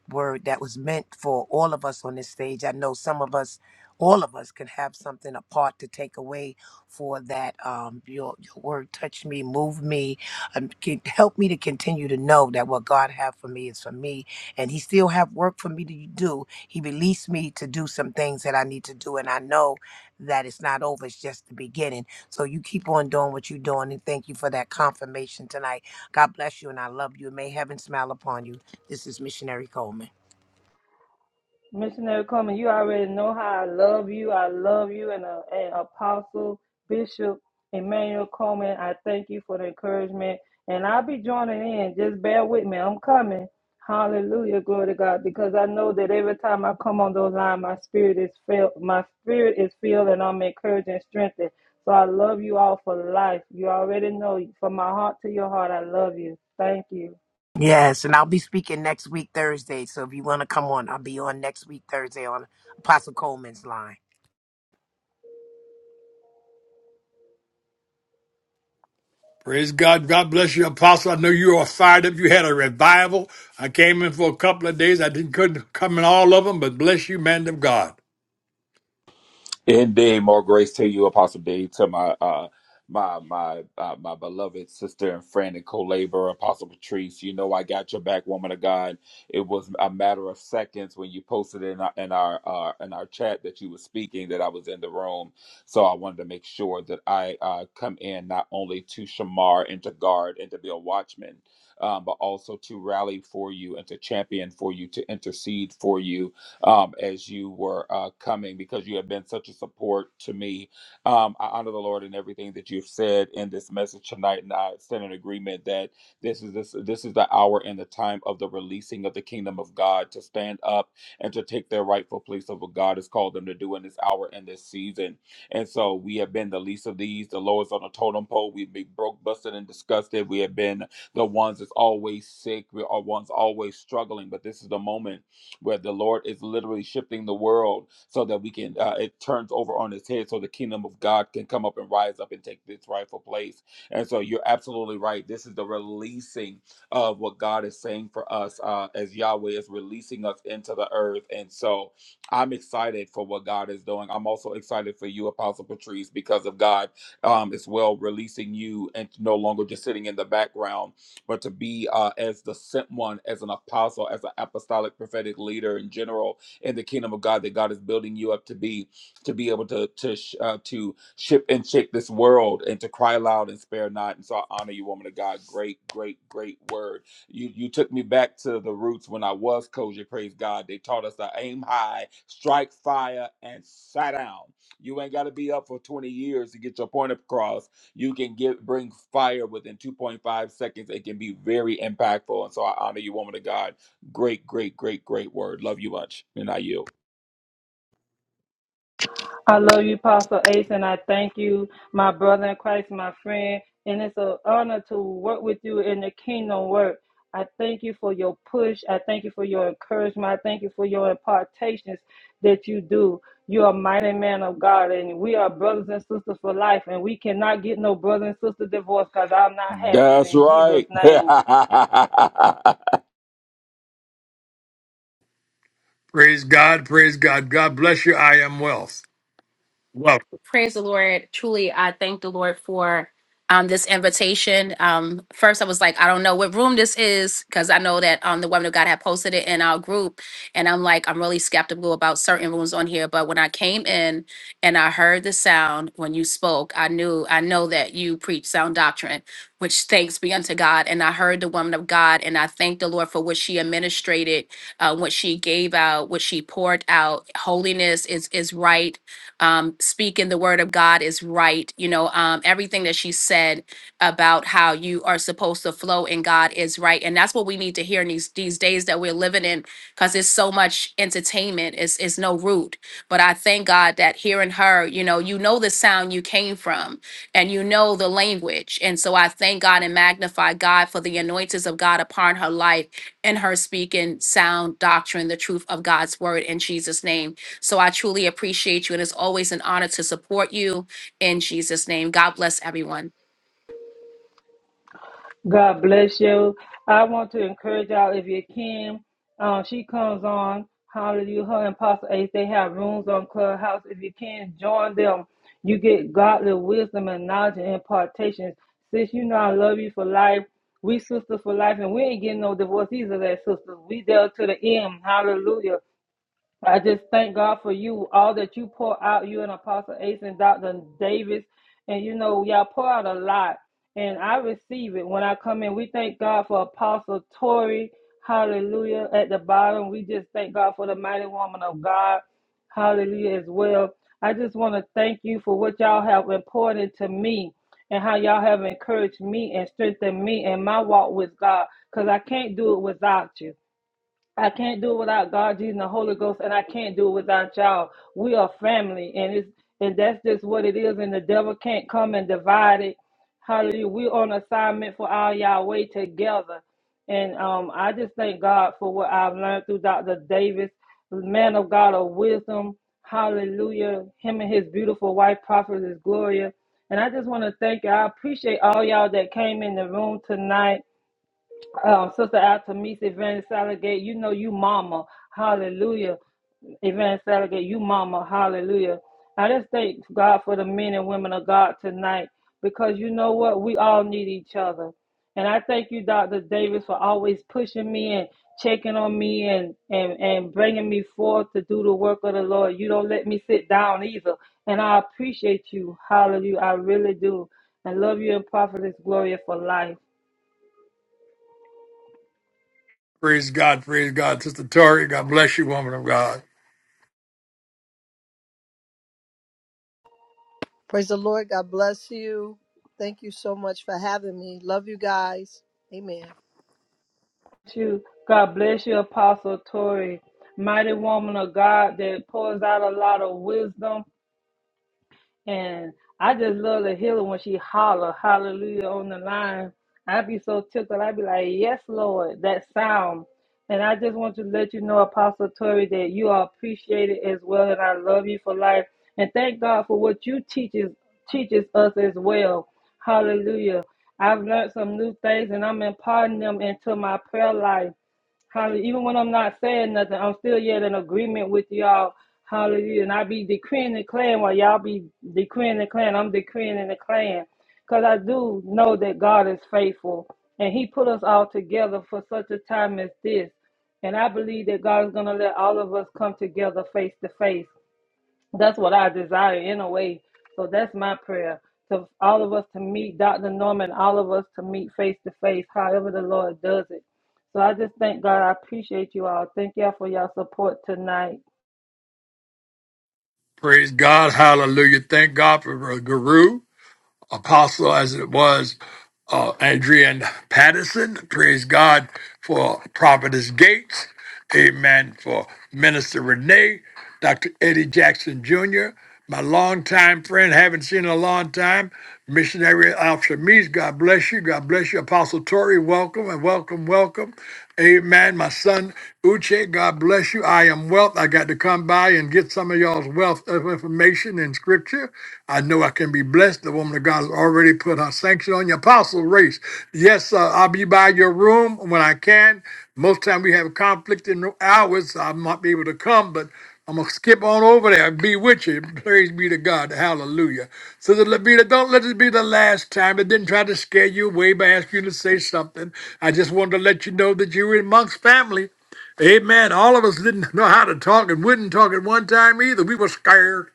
Speaker 7: word that was meant for all of us on this stage. I know some of us, all of us, can have something apart to take away for that. Um, your your word touched me, moved me, um, can help me to continue to know that what God have for me is for me, and He still have work for me to do. He released me to do some things that I need to do, and I know that it's not over. It's just the beginning. So you keep on doing what you're doing, and thank you for that confirmation tonight. God bless you, and I love you. and May heaven smile upon you. This is Missionary Coleman.
Speaker 2: Missionary Coleman, you already know how I love you. I love you and, uh, and Apostle Bishop Emmanuel Coleman. I thank you for the encouragement. And I'll be joining in. Just bear with me. I'm coming. Hallelujah. Glory to God. Because I know that every time I come on those lines, my spirit is filled. My spirit is filled and I'm encouraged and strengthened. So I love you all for life. You already know from my heart to your heart, I love you. Thank you.
Speaker 7: Yes, and I'll be speaking next week Thursday. So if you want to come on, I'll be on next week Thursday on Apostle Coleman's line.
Speaker 1: Praise God. God bless you, Apostle. I know you are fired up. You had a revival. I came in for a couple of days. I didn't couldn't come in all of them, but bless you, man of God.
Speaker 9: Indeed, more grace to you, Apostle Dave, to my uh, my my uh, my beloved sister and friend and co-laborer, Apostle Patrice. You know I got your back, woman of God. It was a matter of seconds when you posted in our in our uh, in our chat that you were speaking that I was in the room. So I wanted to make sure that I uh, come in not only to shamar and to guard and to be a watchman. Um, but also to rally for you and to champion for you, to intercede for you, um, as you were uh, coming because you have been such a support to me. Um, I honor the Lord in everything that you've said in this message tonight, and I stand in agreement that this is this this is the hour and the time of the releasing of the kingdom of God to stand up and to take their rightful place of what God has called them to do in this hour and this season. And so we have been the least of these, the lowest on the totem pole. We've been broke, busted, and disgusted. We have been the ones that's always sick. We are ones always struggling. But this is the moment where the Lord is literally shifting the world so that we can uh, it turns over on its head so the kingdom of God can come up and rise up and take its rightful place. And so you're absolutely right. This is the releasing of what God is saying for us uh, as Yahweh is releasing us into the earth. And so I'm excited for what God is doing. I'm also excited for you, Apostle Patrice, because of God um, as well, releasing you and no longer just sitting in the background but to be uh, as the sent one, as an apostle, as an apostolic prophetic leader in general in the kingdom of God that God is building you up to be, to be able to to sh- uh, to ship and shake this world and to cry loud and spare not. And so I honor you, woman of God. Great, great, great word. You you took me back to the roots when I was Koji. Praise God. They taught us to aim high, strike fire, and sat down. You ain't got to be up for 20 years to get your point across you can get bring fire within 2.5 seconds. It can be very impactful. And so I honor you, woman of God. Great, great, great, great word. Love you much. And I yield.
Speaker 2: I love you, Apostle Ace, and I thank you, my brother in Christ, my friend. And it's an honor to work with you in the kingdom work. I thank you for your push. I thank you for your encouragement. I thank you for your impartations that you do. You're a mighty man of God, and we are brothers and sisters for life. And we cannot get no brother and sister divorce because I'm not having it
Speaker 9: That's
Speaker 2: in Jesus'
Speaker 9: right.
Speaker 2: name.
Speaker 1: Praise God, praise God. God bless you. I am wealth. Welcome.
Speaker 10: Praise the Lord. Truly, I thank the Lord for um, this invitation. Um, first, I was like, I don't know what room this is because I know that um, the woman of God had posted it in our group, and I'm like, I'm really skeptical about certain rooms on here. But when I came in and I heard the sound when you spoke, I knew, I know that you preach sound doctrine, which thanks be unto God. And I heard the woman of God, and I thank the Lord for what she administrated, uh, what she gave out, what she poured out. Holiness is is right um, speaking the word of God is right. You know, um, everything that she said about how you are supposed to flow in God is right, and that's what we need to hear in these these days that we're living in, because it's so much entertainment. It's it's no root. But I thank God that hearing her, you know, you know the sound you came from, and you know the language, and so I thank God and magnify God for the anointings of God upon her life and her speaking sound doctrine, the truth of God's word in Jesus' name. So I truly appreciate you, and it's always an honor to support you in Jesus' name. God bless everyone.
Speaker 2: God bless you. I want to encourage y'all if you can. Um, she comes on. Hallelujah. Her and Pastor Ace, they have rooms on Clubhouse. If you can, join them. You get godly wisdom and knowledge and impartations. Sis, you know I love you for life. We sisters for life, and we ain't getting no divorce. These are that sisters. We there to the end. Hallelujah. I just thank God for you, all that you pour out, you and Apostle Ace and Dr. Davis. And you know, y'all pour out a lot. And I receive it when I come in. We thank God for Apostle Tori. Hallelujah. At the bottom, we just thank God for the mighty woman of God. Hallelujah as well. I just want to thank you for what y'all have important to me and how y'all have encouraged me and strengthened me in my walk with God because I can't do it without you. I can't do it without God, Jesus, and the Holy Ghost, and I can't do it without y'all. We are family, and it's and that's just what it is. And the devil can't come and divide it. Hallelujah. We're on assignment for our Yahweh together. And um, I just thank God for what I've learned through Dr. Davis, man of God of wisdom. Hallelujah. Him and his beautiful wife, Prophetess Gloria. And I just want to thank you. I appreciate all y'all that came in the room tonight. Um, Sister Altamisa, Evangelist Saligate, you know you mama. Hallelujah. Evangelist Saligate, you mama. Hallelujah. I just thank God for the men and women of God tonight because you know what? We all need each other. And I thank you, Dr. Davis, for always pushing me and checking on me and, and, and bringing me forth to do the work of the Lord. You don't let me sit down either. And I appreciate you. Hallelujah. I really do. I love you and prophetess Gloria for life.
Speaker 1: Praise God, praise God. Sister Tori, God bless you, woman of God.
Speaker 11: Praise the Lord. God bless you. Thank you so much for having me. Love you guys. Amen.
Speaker 2: you. God bless you, Apostle Tori. Mighty woman of God that pours out a lot of wisdom. And I just love to hear her when she holler, hallelujah, on the line. I'd be so tickled. I'd be like, yes, Lord, that sound. And I just want to let you know, Apostle Tori, that you are appreciated as well. And I love you for life. And thank God for what you teaches teaches us as well. Hallelujah. I've learned some new things and I'm imparting them into my prayer life. Hallelujah. Even when I'm not saying nothing, I'm still yet in agreement with y'all. Hallelujah. And I be decreeing and declaring while y'all be decreeing and declaring. I'm decreeing and declaring. Because I do know that God is faithful. And He put us all together for such a time as this. And I believe that God is going to let all of us come together face to face. That's what I desire in a way. So that's my prayer to all of us to meet Dr. Norman, all of us to meet face to face, however the Lord does it. So I just thank God. I appreciate you all. Thank y'all for your support tonight.
Speaker 1: Praise God, hallelujah. Thank God for Brother Guru. apostle as it was uh, Adrian Patterson. Praise God for Prophetess Gates. Amen for Minister Renee, Dr. Eddie Jackson Jr., my longtime friend, haven't seen in a long time, missionary Al Shamis. God bless you. God bless you. Apostle Tori, welcome and welcome, welcome. Amen. My son Uche, God bless you. I am wealth. I got to come by and get some of y'all's wealth of information information in Scripture. I know I can be blessed. The woman of God has already put her sanction on your apostle race. Yes, uh, I'll be by your room when I can. Most time we have conflict in hours. so I might be able to come, but I'm gonna skip on over there and be with you. Praise be to God. Hallelujah. So the Levita, don't let it be the last time. I didn't try to scare you away by asking you to say something. I just wanted to let you know that you were in Monk's family. Amen. All of us didn't know how to talk and wouldn't talk at one time either. We were scared.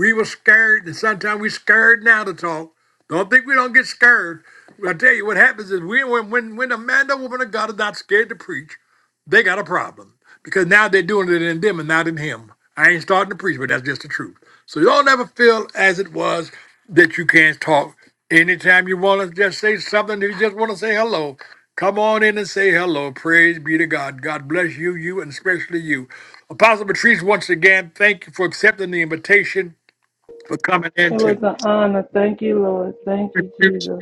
Speaker 1: We were scared, and sometimes we scared now to talk. Don't think we don't get scared. I tell you what happens is we when when when a man or woman of God is not scared to preach, they got a problem because now they're doing it in them and not in him. I ain't starting to preach, but that's just the truth. So y'all never feel as it was that you can't talk. Anytime you want to just say something, you just want to say hello. Come on in and say hello. Praise be to God. God bless you, you, and especially you. Apostle Patrice, once again, thank you for accepting the invitation for coming
Speaker 2: It
Speaker 1: into.
Speaker 2: was an honor. Thank you, Lord. Thank you, Jesus.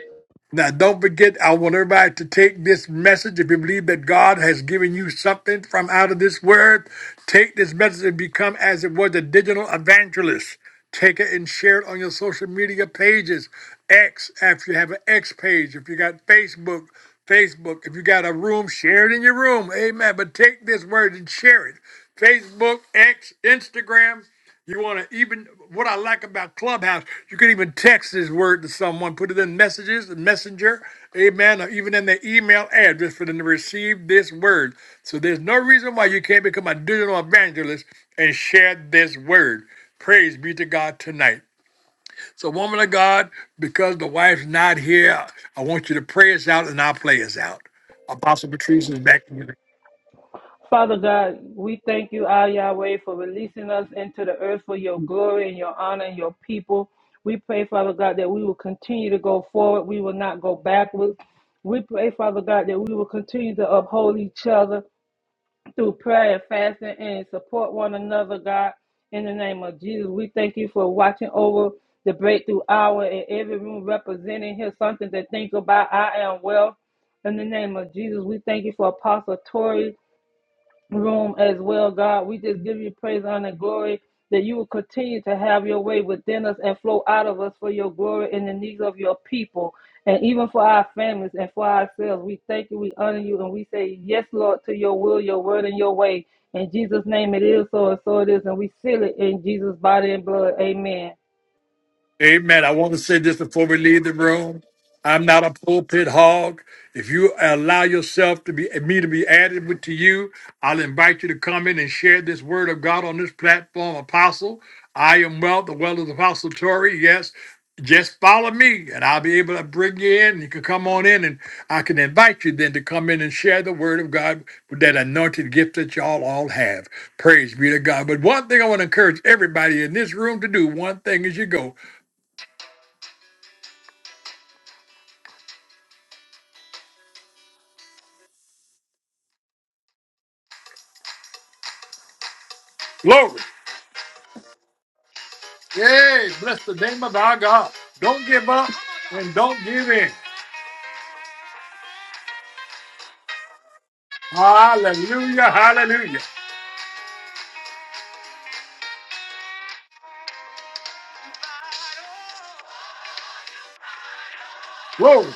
Speaker 1: Now, don't forget, I want everybody to take this message. If you believe that God has given you something from out of this word, take this message and become, as it was, a digital evangelist. Take it and share it on your social media pages. X, if you have an X page, if you got Facebook, Facebook. If you got a room, share it in your room. Amen. But take this word and share it. Facebook, X, Instagram. You want to even what I like about Clubhouse, you can even text this word to someone, put it in messages, messenger, amen, or even in their email address for them to receive this word. So there's no reason why you can't become a digital evangelist and share this word. Praise be to God tonight. So, woman of God, because the wife's not here, I want you to pray us out and I'll play us out. Apostle Patrice is back. to you.
Speaker 2: Father God, we thank you, Ah Yahweh, for releasing us into the earth for your glory and your honor and your people. We pray, Father God, that we will continue to go forward. We will not go backwards. We pray, Father God, that we will continue to uphold each other through prayer and fasting and support one another, God. In the name of Jesus, we thank you for watching over the breakthrough hour and every room representing here something to think about. I am well. In the name of Jesus, we thank you for Apostle Tori room as well, God. We just give you praise, honor, and glory that you will continue to have your way within us and flow out of us for your glory and the needs of your people and even for our families and for ourselves. We thank you, we honor you, and we say yes, Lord, to your will, your word, and your way. In Jesus' name it is so and so it is, and we seal it in Jesus' body and blood. Amen.
Speaker 1: Amen. I want to say this before we leave the room. I'm not a pulpit hog. If you allow yourself to be me to be added with to you, I'll invite you to come in and share this word of God on this platform, Apostle. I am well, the well of Apostle Tory. Yes, just follow me, and I'll be able to bring you in. You can come on in, and I can invite you then to come in and share the word of God with that anointed gift that y'all all have. Praise be to God. But one thing I want to encourage everybody in this room to do. One thing as you go. Glory. Hey, bless the name of our God. Don't give up and don't give in. Hallelujah, hallelujah. Glory.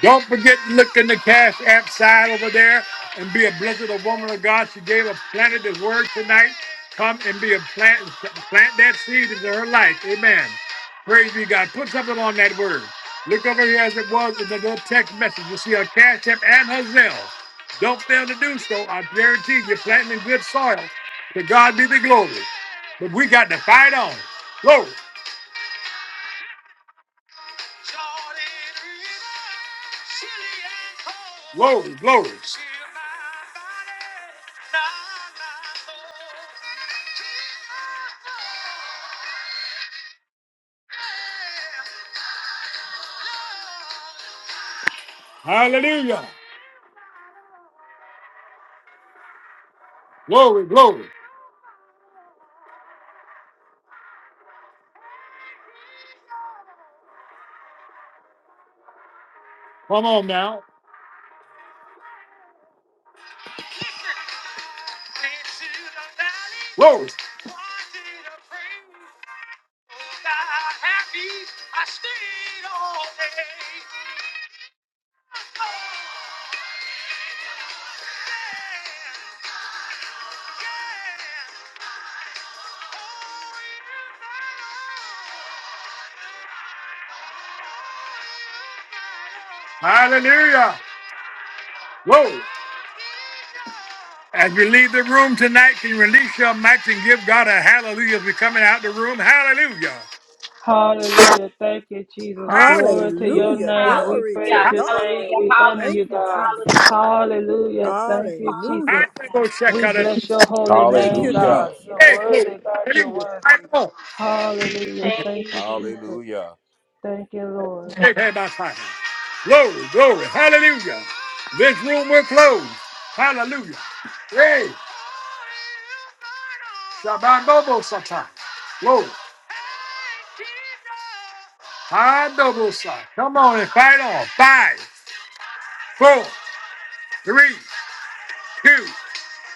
Speaker 1: Don't forget to look in the cash app side over there and be a blessed a woman of God. She gave a planted his word tonight. Come and be a plant, plant that seed into her life. Amen. Praise be God. Put something on that word. Look over here as it was in the little text message. You see her cash app and her Zelle. Don't fail to do so. I guarantee you're planting in good soil. To God be the glory. But we got to fight on. Glory, glory, glory. Hallelujah. Glory, glory. Come on now. Glory. Hallelujah. Glory. As we leave the room tonight, can you release your mics and give God a hallelujah as we're coming out the room? Hallelujah.
Speaker 2: Hallelujah. Thank you, Jesus.
Speaker 1: Hallelujah.
Speaker 2: Glory to your
Speaker 11: Hallelujah.
Speaker 2: name. We
Speaker 11: Glory to
Speaker 2: praise your
Speaker 11: God.
Speaker 2: name. We honor
Speaker 11: Thank
Speaker 2: you,
Speaker 11: you.
Speaker 2: God. Hallelujah. Thank you, Jesus.
Speaker 11: Hallelujah.
Speaker 1: Go check
Speaker 2: We
Speaker 1: out it.
Speaker 2: bless your holy
Speaker 11: Thank
Speaker 2: name,
Speaker 9: Hallelujah.
Speaker 2: God. You're
Speaker 11: you.
Speaker 1: Hey, glory.
Speaker 2: worthy, God. You're
Speaker 1: Hallelujah. Right
Speaker 2: worthy.
Speaker 1: on.
Speaker 2: Hallelujah. Thank you, Jesus.
Speaker 9: Hallelujah.
Speaker 2: Thank you, Lord.
Speaker 1: Hey, hey, my Father. Glory, glory. Hallelujah. This room will close. Hallelujah. Hey, Shabbat Bobo Satan. Glory. High double side. Come on and fight on. Five, four, three, two.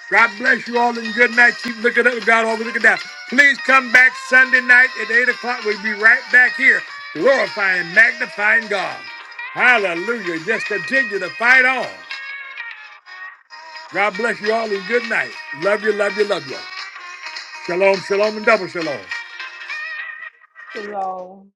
Speaker 1: God bless you all and good night. Keep looking up and God always looking down. Please come back Sunday night at 8 o'clock. We'll be right back here glorifying, magnifying God. Hallelujah. Just continue to fight on. God bless you all and good night. Love you, love you, love you. Shalom, shalom, and double shalom.
Speaker 2: Shalom.